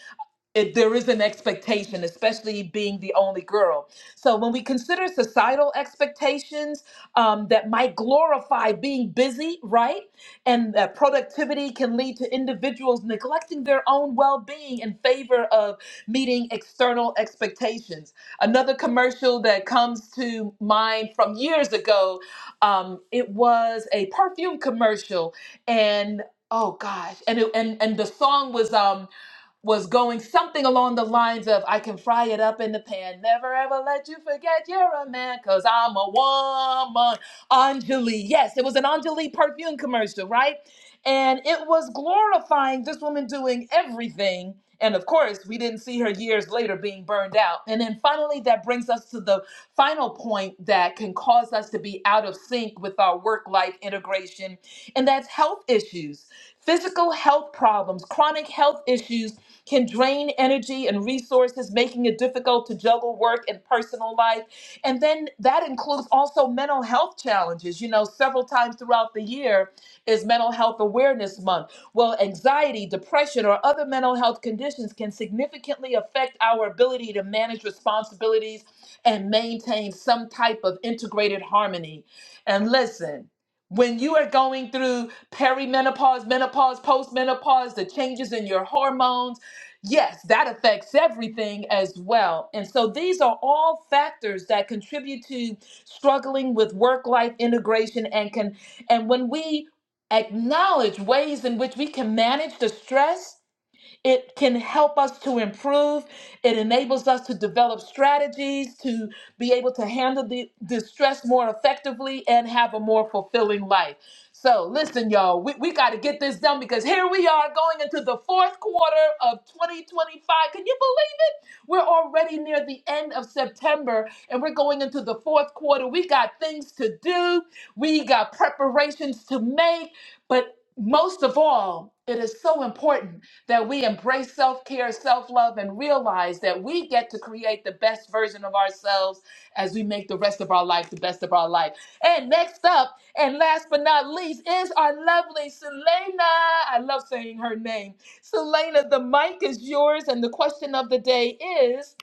Speaker 1: it, there is an expectation, especially being the only girl. So when we consider societal expectations um, that might glorify being busy, right, and that productivity can lead to individuals neglecting their own well-being in favor of meeting external expectations. Another commercial that comes to mind from years ago, um, it was a perfume commercial, and oh gosh, and it, and and the song was. Um, was going something along the lines of I can fry it up in the pan. Never ever let you forget you're a man, cause I'm a woman. Anjali. Yes, it was an Anjali perfume commercial, right? And it was glorifying this woman doing everything. And of course, we didn't see her years later being burned out. And then finally, that brings us to the final point that can cause us to be out of sync with our work life integration, and that's health issues. Physical health problems, chronic health issues can drain energy and resources, making it difficult to juggle work and personal life. And then that includes also mental health challenges. You know, several times throughout the year is Mental Health Awareness Month. Well, anxiety, depression, or other mental health conditions can significantly affect our ability to manage responsibilities and maintain some type of integrated harmony. And listen, when you are going through perimenopause, menopause, postmenopause, the changes in your hormones, yes, that affects everything as well. And so these are all factors that contribute to struggling with work-life integration and can and when we acknowledge ways in which we can manage the stress it can help us to improve. It enables us to develop strategies to be able to handle the distress more effectively and have a more fulfilling life. So, listen, y'all, we, we got to get this done because here we are going into the fourth quarter of 2025. Can you believe? We're already near the end of September and we're going into the fourth quarter. We got things to do, we got preparations to make, but most of all, it is so important that we embrace self care, self love, and realize that we get to create the best version of ourselves as we make the rest of our life the best of our life. And next up, and last but not least, is our lovely Selena. I love saying her name Selena, the mic is yours, and the question of the day is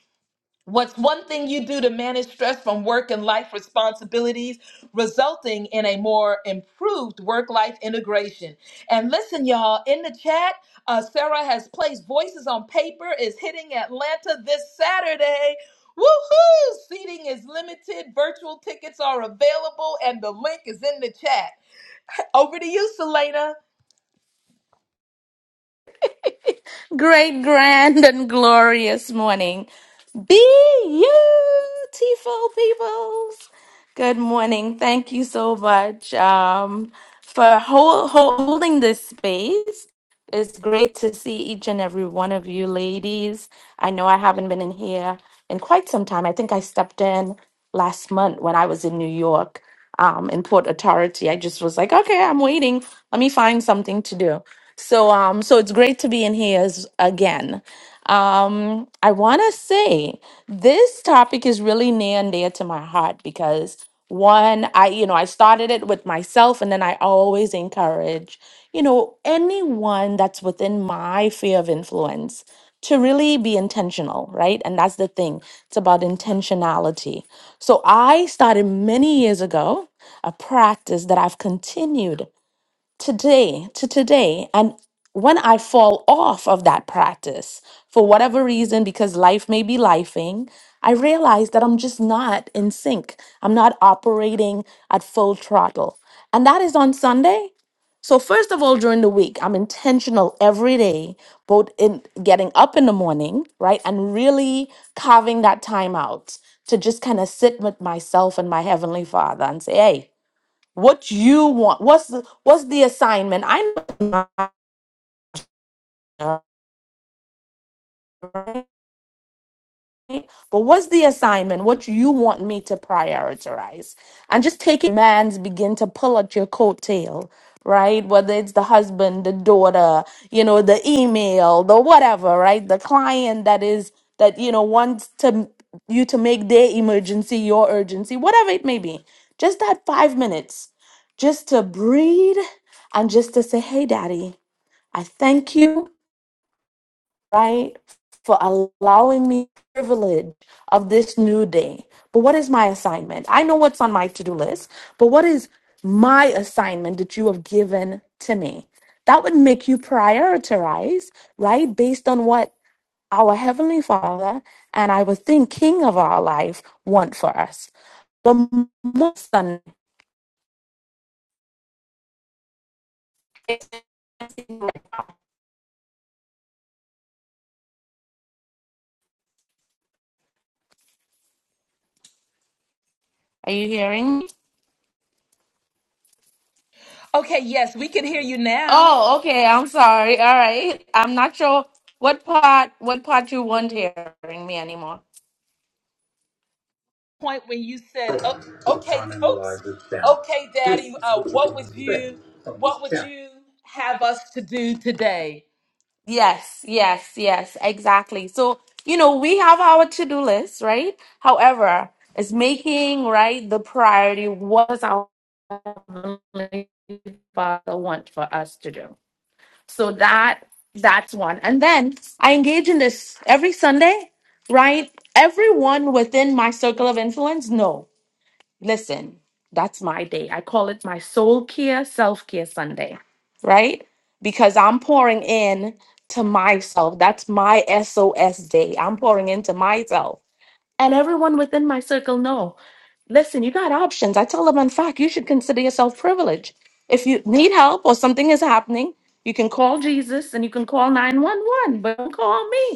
Speaker 1: What's one thing you do to manage stress from work and life responsibilities, resulting in a more improved work life integration? And listen, y'all, in the chat, uh, Sarah has placed Voices on Paper is hitting Atlanta this Saturday. Woohoo! Seating is limited, virtual tickets are available, and the link is in the chat. Over to you, Selena.
Speaker 6: Great, grand, and glorious morning. Beautiful peoples. Good morning. Thank you so much um, for hol- hol- holding this space. It's great to see each and every one of you ladies. I know I haven't been in here in quite some time. I think I stepped in last month when I was in New York um, in Port Authority. I just was like, okay, I'm waiting. Let me find something to do. So um so it's great to be in here as, again. Um I want to say this topic is really near and dear to my heart because one I you know I started it with myself and then I always encourage you know anyone that's within my sphere of influence to really be intentional, right? And that's the thing. It's about intentionality. So I started many years ago a practice that I've continued today to today and when i fall off of that practice for whatever reason because life may be lifing i realize that i'm just not in sync i'm not operating at full throttle and that is on sunday so first of all during the week i'm intentional every day both in getting up in the morning right and really carving that time out to just kind of sit with myself and my heavenly father and say hey what you want what's the what's the assignment i know right? but what's the assignment what you want me to prioritize and just take it man's begin to pull at your coattail right whether it's the husband the daughter you know the email the whatever right the client that is that you know wants to you to make their emergency your urgency whatever it may be just that five minutes just to breathe and just to say hey daddy i thank you right? For allowing me the privilege of this new day. But what is my assignment? I know what's on my to-do list, but what is my assignment that you have given to me? That would make you prioritize, right? Based on what our Heavenly Father and I would think King of our life want for us. But most than are you hearing me?
Speaker 1: Okay, yes, we can hear you now.
Speaker 6: Oh, okay. I'm sorry. All right. I'm not sure what part what part you weren't hearing me anymore.
Speaker 1: point when you said, "Oh, "Okay, folks, okay, Daddy, uh, what would you, what would you have us to do today?"
Speaker 6: Yes, yes, yes, exactly. So, you know, we have our to-do list, right? However, it's making, right, the priority what is our Father want for us to do. So that that's one. And then I engage in this every Sunday, right? Everyone within my circle of influence, no. Listen, that's my day. I call it my soul care, self care Sunday, right? Because I'm pouring in to myself. That's my SOS day. I'm pouring into myself. And everyone within my circle know. Listen, you got options. I tell them, in fact, you should consider yourself privileged. If you need help or something is happening, you can call Jesus and you can call 911, but don't call me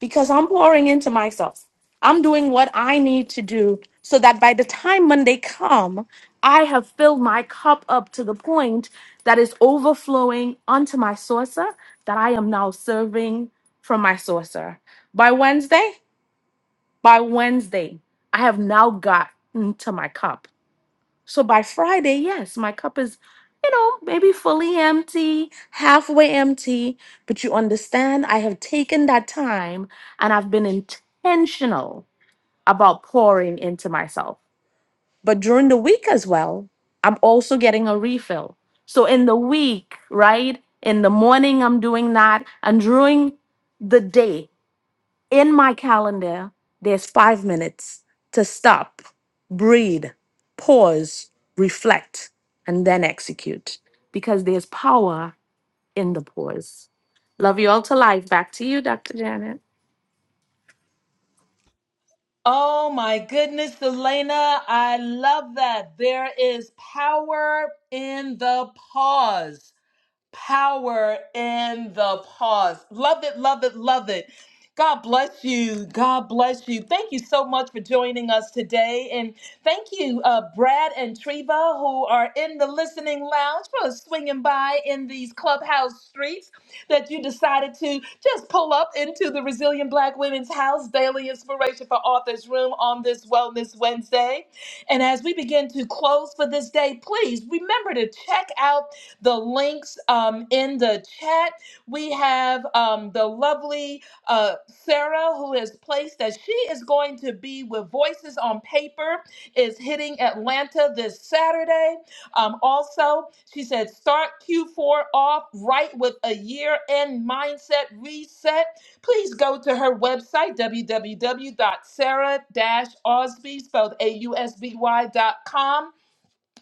Speaker 6: because I'm pouring into myself. I'm doing what I need to do so that by the time Monday come, I have filled my cup up to the point that is overflowing onto my saucer that I am now serving from my saucer. By Wednesday, by Wednesday, I have now gotten to my cup. So by Friday, yes, my cup is, you know, maybe fully empty, halfway empty. But you understand, I have taken that time and I've been intentional about pouring into myself. But during the week as well, I'm also getting a refill. So in the week, right? In the morning, I'm doing that. And during the day, in my calendar, there's five minutes to stop, breathe, pause, reflect, and then execute because there's power in the pause. Love you all to life. Back to you, Dr. Janet.
Speaker 1: Oh my goodness, Elena, I love that. There is power in the pause. power in the pause. Love it, love it, love it. God bless you. God bless you. Thank you so much for joining us today. And thank you, uh, Brad and Treva, who are in the listening lounge for swinging by in these clubhouse streets that you decided to just pull up into the Resilient Black Women's House Daily Inspiration for Authors Room on this Wellness Wednesday. And as we begin to close for this day, please remember to check out the links um, in the chat. We have um, the lovely uh, Sarah, who has placed that she is going to be with Voices on Paper, is hitting Atlanta this Saturday. Um, also, she said, start Q4 off right with a year end mindset reset. Please go to her website, w w w dot sarah dash osby spelled a u s b y dot com.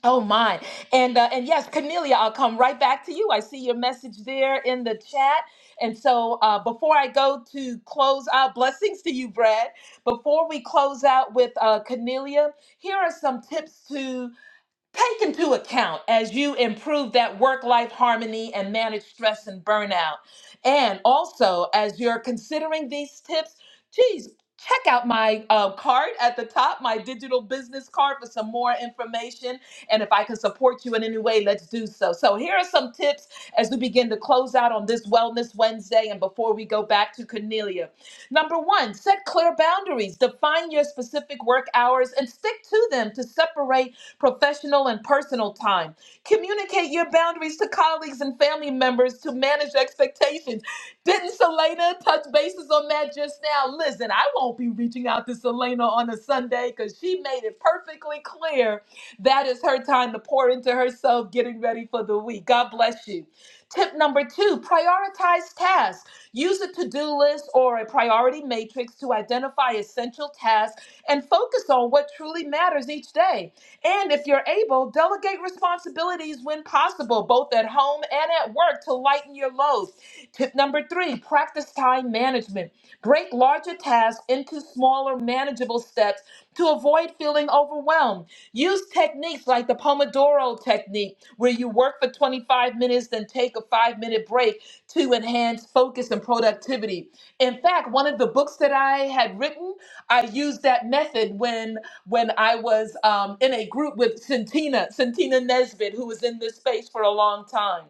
Speaker 1: Oh my. And uh, and yes, Cornelia, I'll come right back to you. I see your message there in the chat. And so uh, before I go to close out, blessings to you, Brad. Before we close out with uh, Cornelia, here are some tips to Take into account as you improve that work life harmony and manage stress and burnout. And also, as you're considering these tips, geez, check out my uh, card at the top, my digital business card for some more information. And if I can support you in any way, let's do so. So, here are some tips as we begin to close out on this Wellness Wednesday and before we go back to Cornelia. Number one, set clear boundaries, define your specific work hours and stick to them to separate professional and personal time. Communicate your boundaries to colleagues and family members to manage expectations. Didn't Selena touch bases on that just now? Listen, I won't be reaching out to Selena on a Sunday because she made it perfectly clear that is her time to pour into herself, getting ready for the week. God bless you. Tip number two prioritize tasks. Use a to do list or a priority matrix to identify essential tasks and focus on what truly matters each day. And if you're able, delegate responsibilities when possible, both at home and at work, to lighten your load. Tip number three practice time management. Break larger tasks into smaller, manageable steps to avoid feeling overwhelmed. Use techniques like the Pomodoro technique, where you work for 25 minutes, then take a five minute break to enhance focus and productivity. In fact, one of the books that I had written, I used that method when when I was um, in a group with Santina, Santina Nesbitt, who was in this space for a long time.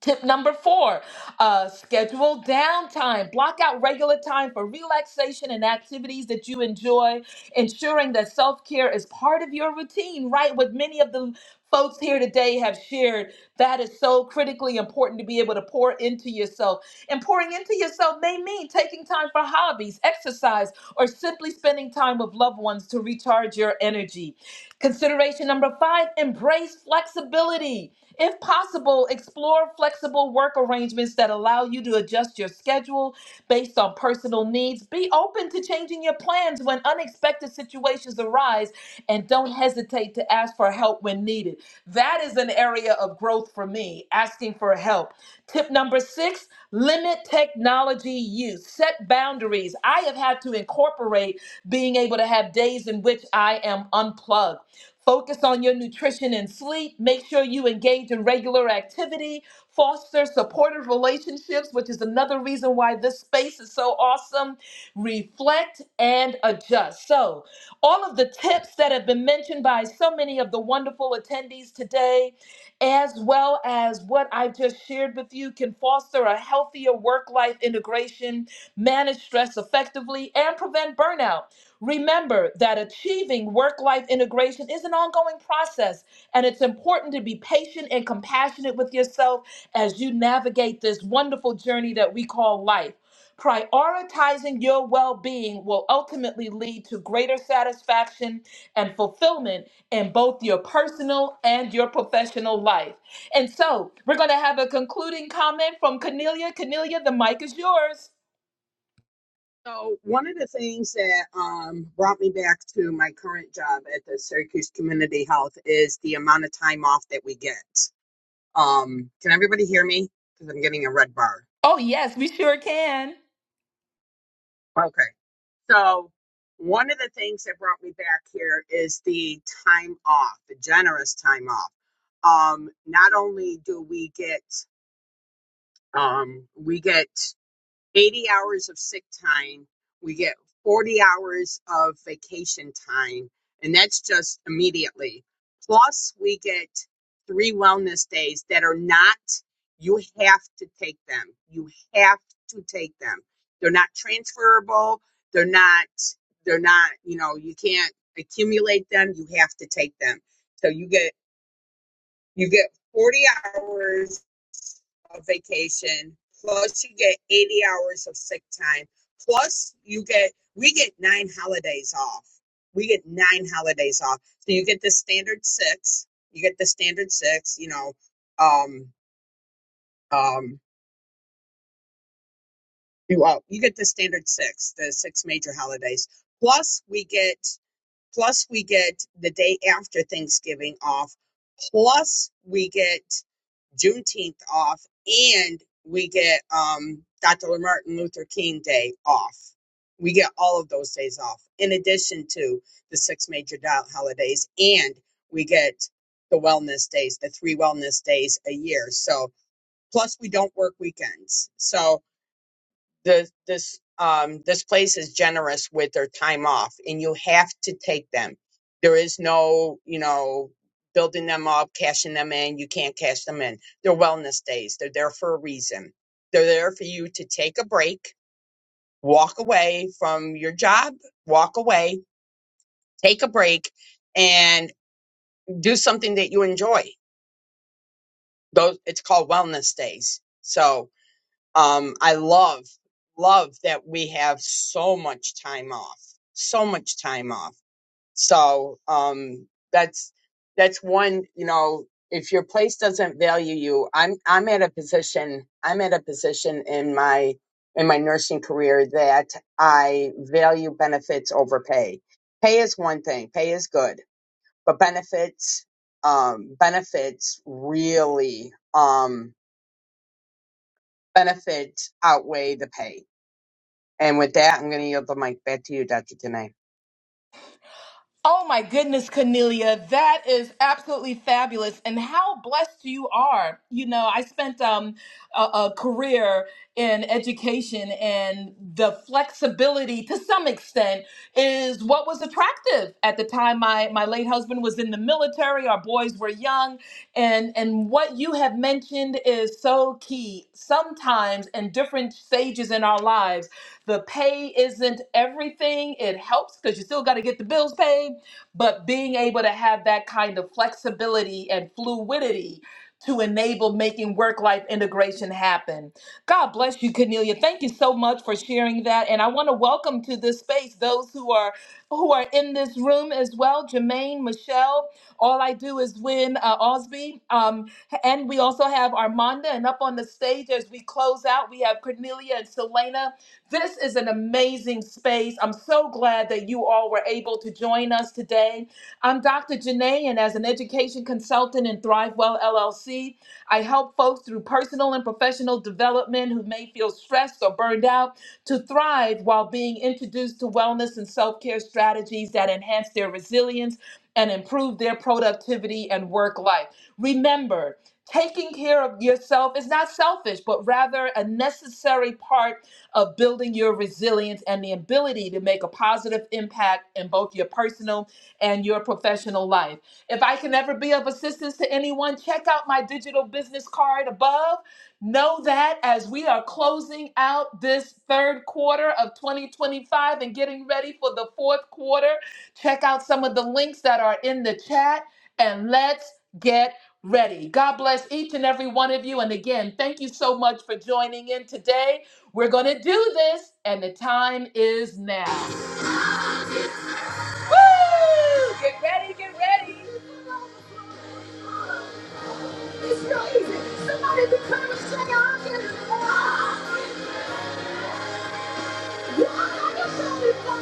Speaker 1: Tip number four, uh, schedule downtime. Block out regular time for relaxation and activities that you enjoy, ensuring that self care is part of your routine, right? What many of the folks here today have shared. That is so critically important to be able to pour into yourself. And pouring into yourself may mean taking time for hobbies, exercise, or simply spending time with loved ones to recharge your energy. Consideration number five, embrace flexibility if possible, explore flexible work arrangements that allow you to adjust your schedule based on personal needs. Be open to changing your plans when unexpected situations arise and don't hesitate to ask for help when needed. That is an area of growth for me, asking for help. Tip number six limit technology use, set boundaries. I have had to incorporate being able to have days in which I am unplugged Focus on your nutrition and sleep. Make sure you engage in regular activity. Foster supportive relationships, which is another reason why this space is so awesome. Reflect and adjust. So, all of the tips that have been mentioned by so many of the wonderful attendees today as well as what I've just shared with you, can foster a healthier work life integration, manage stress effectively, and prevent burnout. Remember that achieving work life integration is an ongoing process, and it's important to be patient and compassionate with yourself as you navigate this wonderful journey that we call life. Prioritizing your well being will ultimately lead to greater satisfaction and fulfillment in both your personal and your professional life. And so we're going to have a concluding comment from Cornelia. Cornelia, the mic is yours.
Speaker 5: So one of the things that um, brought me back to my current job at the Syracuse Community Health is the amount of time off that we get. Um, can everybody hear me? Because I'm getting a red bar.
Speaker 1: Oh, yes, we sure can.
Speaker 5: Okay. So, one of the things that brought me back here is the time off, the generous time off. Um, not only do we get, um, we get 80 hours of sick time. We get 40 hours of vacation time. And that's just immediately. Plus, we get three wellness days that are not, you have to take them. You have to take them. They're not transferable. They're not, they're not, you know, you can't accumulate them. You have to take them. So you get you get 40 hours of vacation, plus you get 80 hours of sick time, plus you get, we get nine holidays off. We get nine holidays off. So you get the standard six, you get the standard six, you know, um, um, you, well, you get the standard six, the six major holidays. Plus, we get Plus, we get the day after Thanksgiving off. Plus, we get Juneteenth off, and we get um, Dr. Martin Luther King Day off. We get all of those days off, in addition to the six major dial holidays, and we get the wellness days, the three wellness days a year. So, plus we don't work weekends. So, this this um this place is generous with their time off and you have to take them there is no you know building them up cashing them in you can't cash them in they're wellness days they're there for a reason they're there for you to take a break walk away from your job walk away take a break and do something that you enjoy those it's called wellness days so um, I love love that we have so much time off, so much time off. So um, that's that's one. You know, if your place doesn't value you, I'm I'm at a position I'm at a position in my in my nursing career that I value benefits over pay. Pay is one thing, pay is good, but benefits um, benefits really um, benefits outweigh the pay And with that, I'm going to yield the mic back to you, Dr. Tanay.
Speaker 1: Oh my goodness, Cornelia, that is absolutely fabulous. And how blessed you are. You know, I spent um, a, a career in education, and the flexibility to some extent is what was attractive at the time. My, my late husband was in the military, our boys were young. And, and what you have mentioned is so key. Sometimes in different stages in our lives, the pay isn't everything. It helps because you still got to get the bills paid. But being able to have that kind of flexibility and fluidity to enable making work life integration happen. God bless you, Cornelia. Thank you so much for sharing that. And I want to welcome to this space those who are who are in this room as well. Jermaine, Michelle. All I do is win uh, Osby. Um, and we also have Armanda. And up on the stage as we close out, we have Cornelia and Selena. This is an amazing space. I'm so glad that you all were able to join us today. I'm Dr. Janae, and as an education consultant in ThriveWell LLC, I help folks through personal and professional development who may feel stressed or burned out to thrive while being introduced to wellness and self care strategies that enhance their resilience and improve their productivity and work life. Remember, taking care of yourself is not selfish, but rather a necessary part of building your resilience and the ability to make a positive impact in both your personal and your professional life. If I can ever be of assistance to anyone, check out my digital business card above. Know that as we are closing out this third quarter of 2025 and getting ready for the fourth quarter, check out some of the links that are in the chat and let's get ready. God bless each and every one of you. And again, thank you so much for joining in today. We're going to do this, and the time is now. Woo! Get ready, get ready. It's so easy. Somebody be trying to say, "I can do it." You are not yourself before.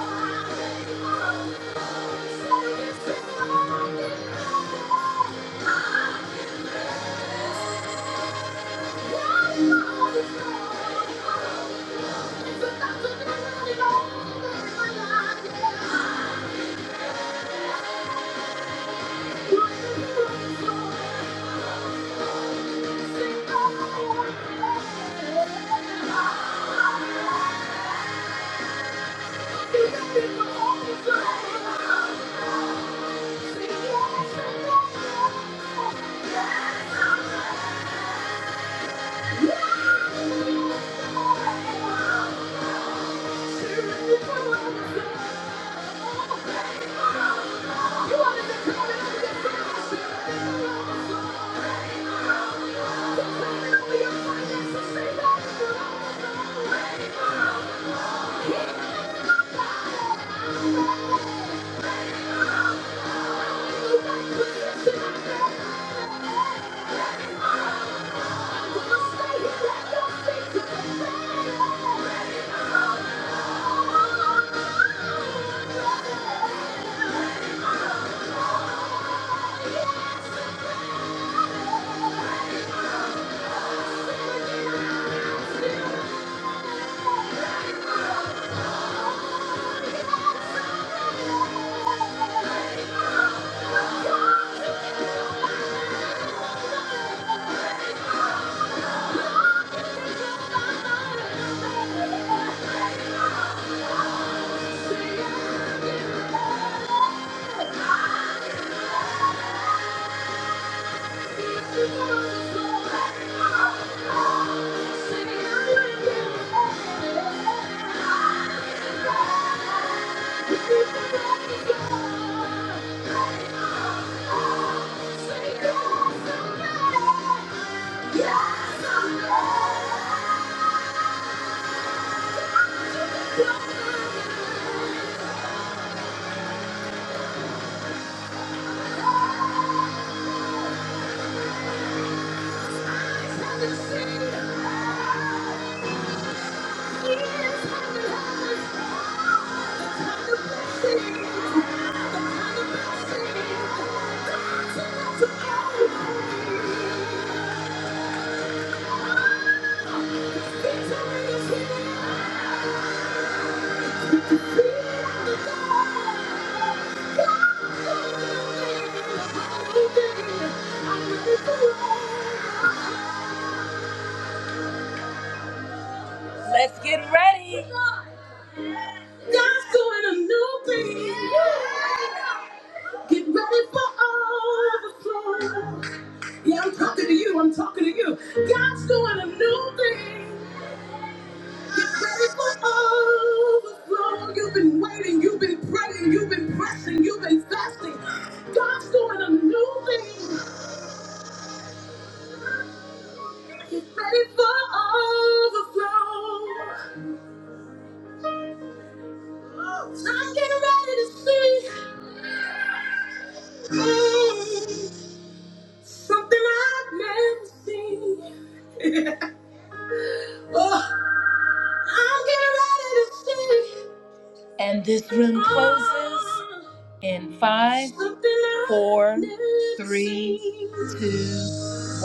Speaker 1: Thank you. Thank you. Thank you. Yeah. Let's get ready. God's doing a new thing. Get ready for overflow. Yeah, I'm talking to you. I'm talking to you. God's doing a new thing. Get ready for overflow. You've been waiting. You've been praying. You've been pressing. You've been fasting. God's doing a new thing. Get ready for overflow. I'm getting ready to see mm, something I've never seen. Oh. I'm getting ready to see. And this room closes in five, four, three, two, one.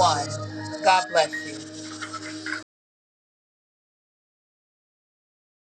Speaker 1: God bless you.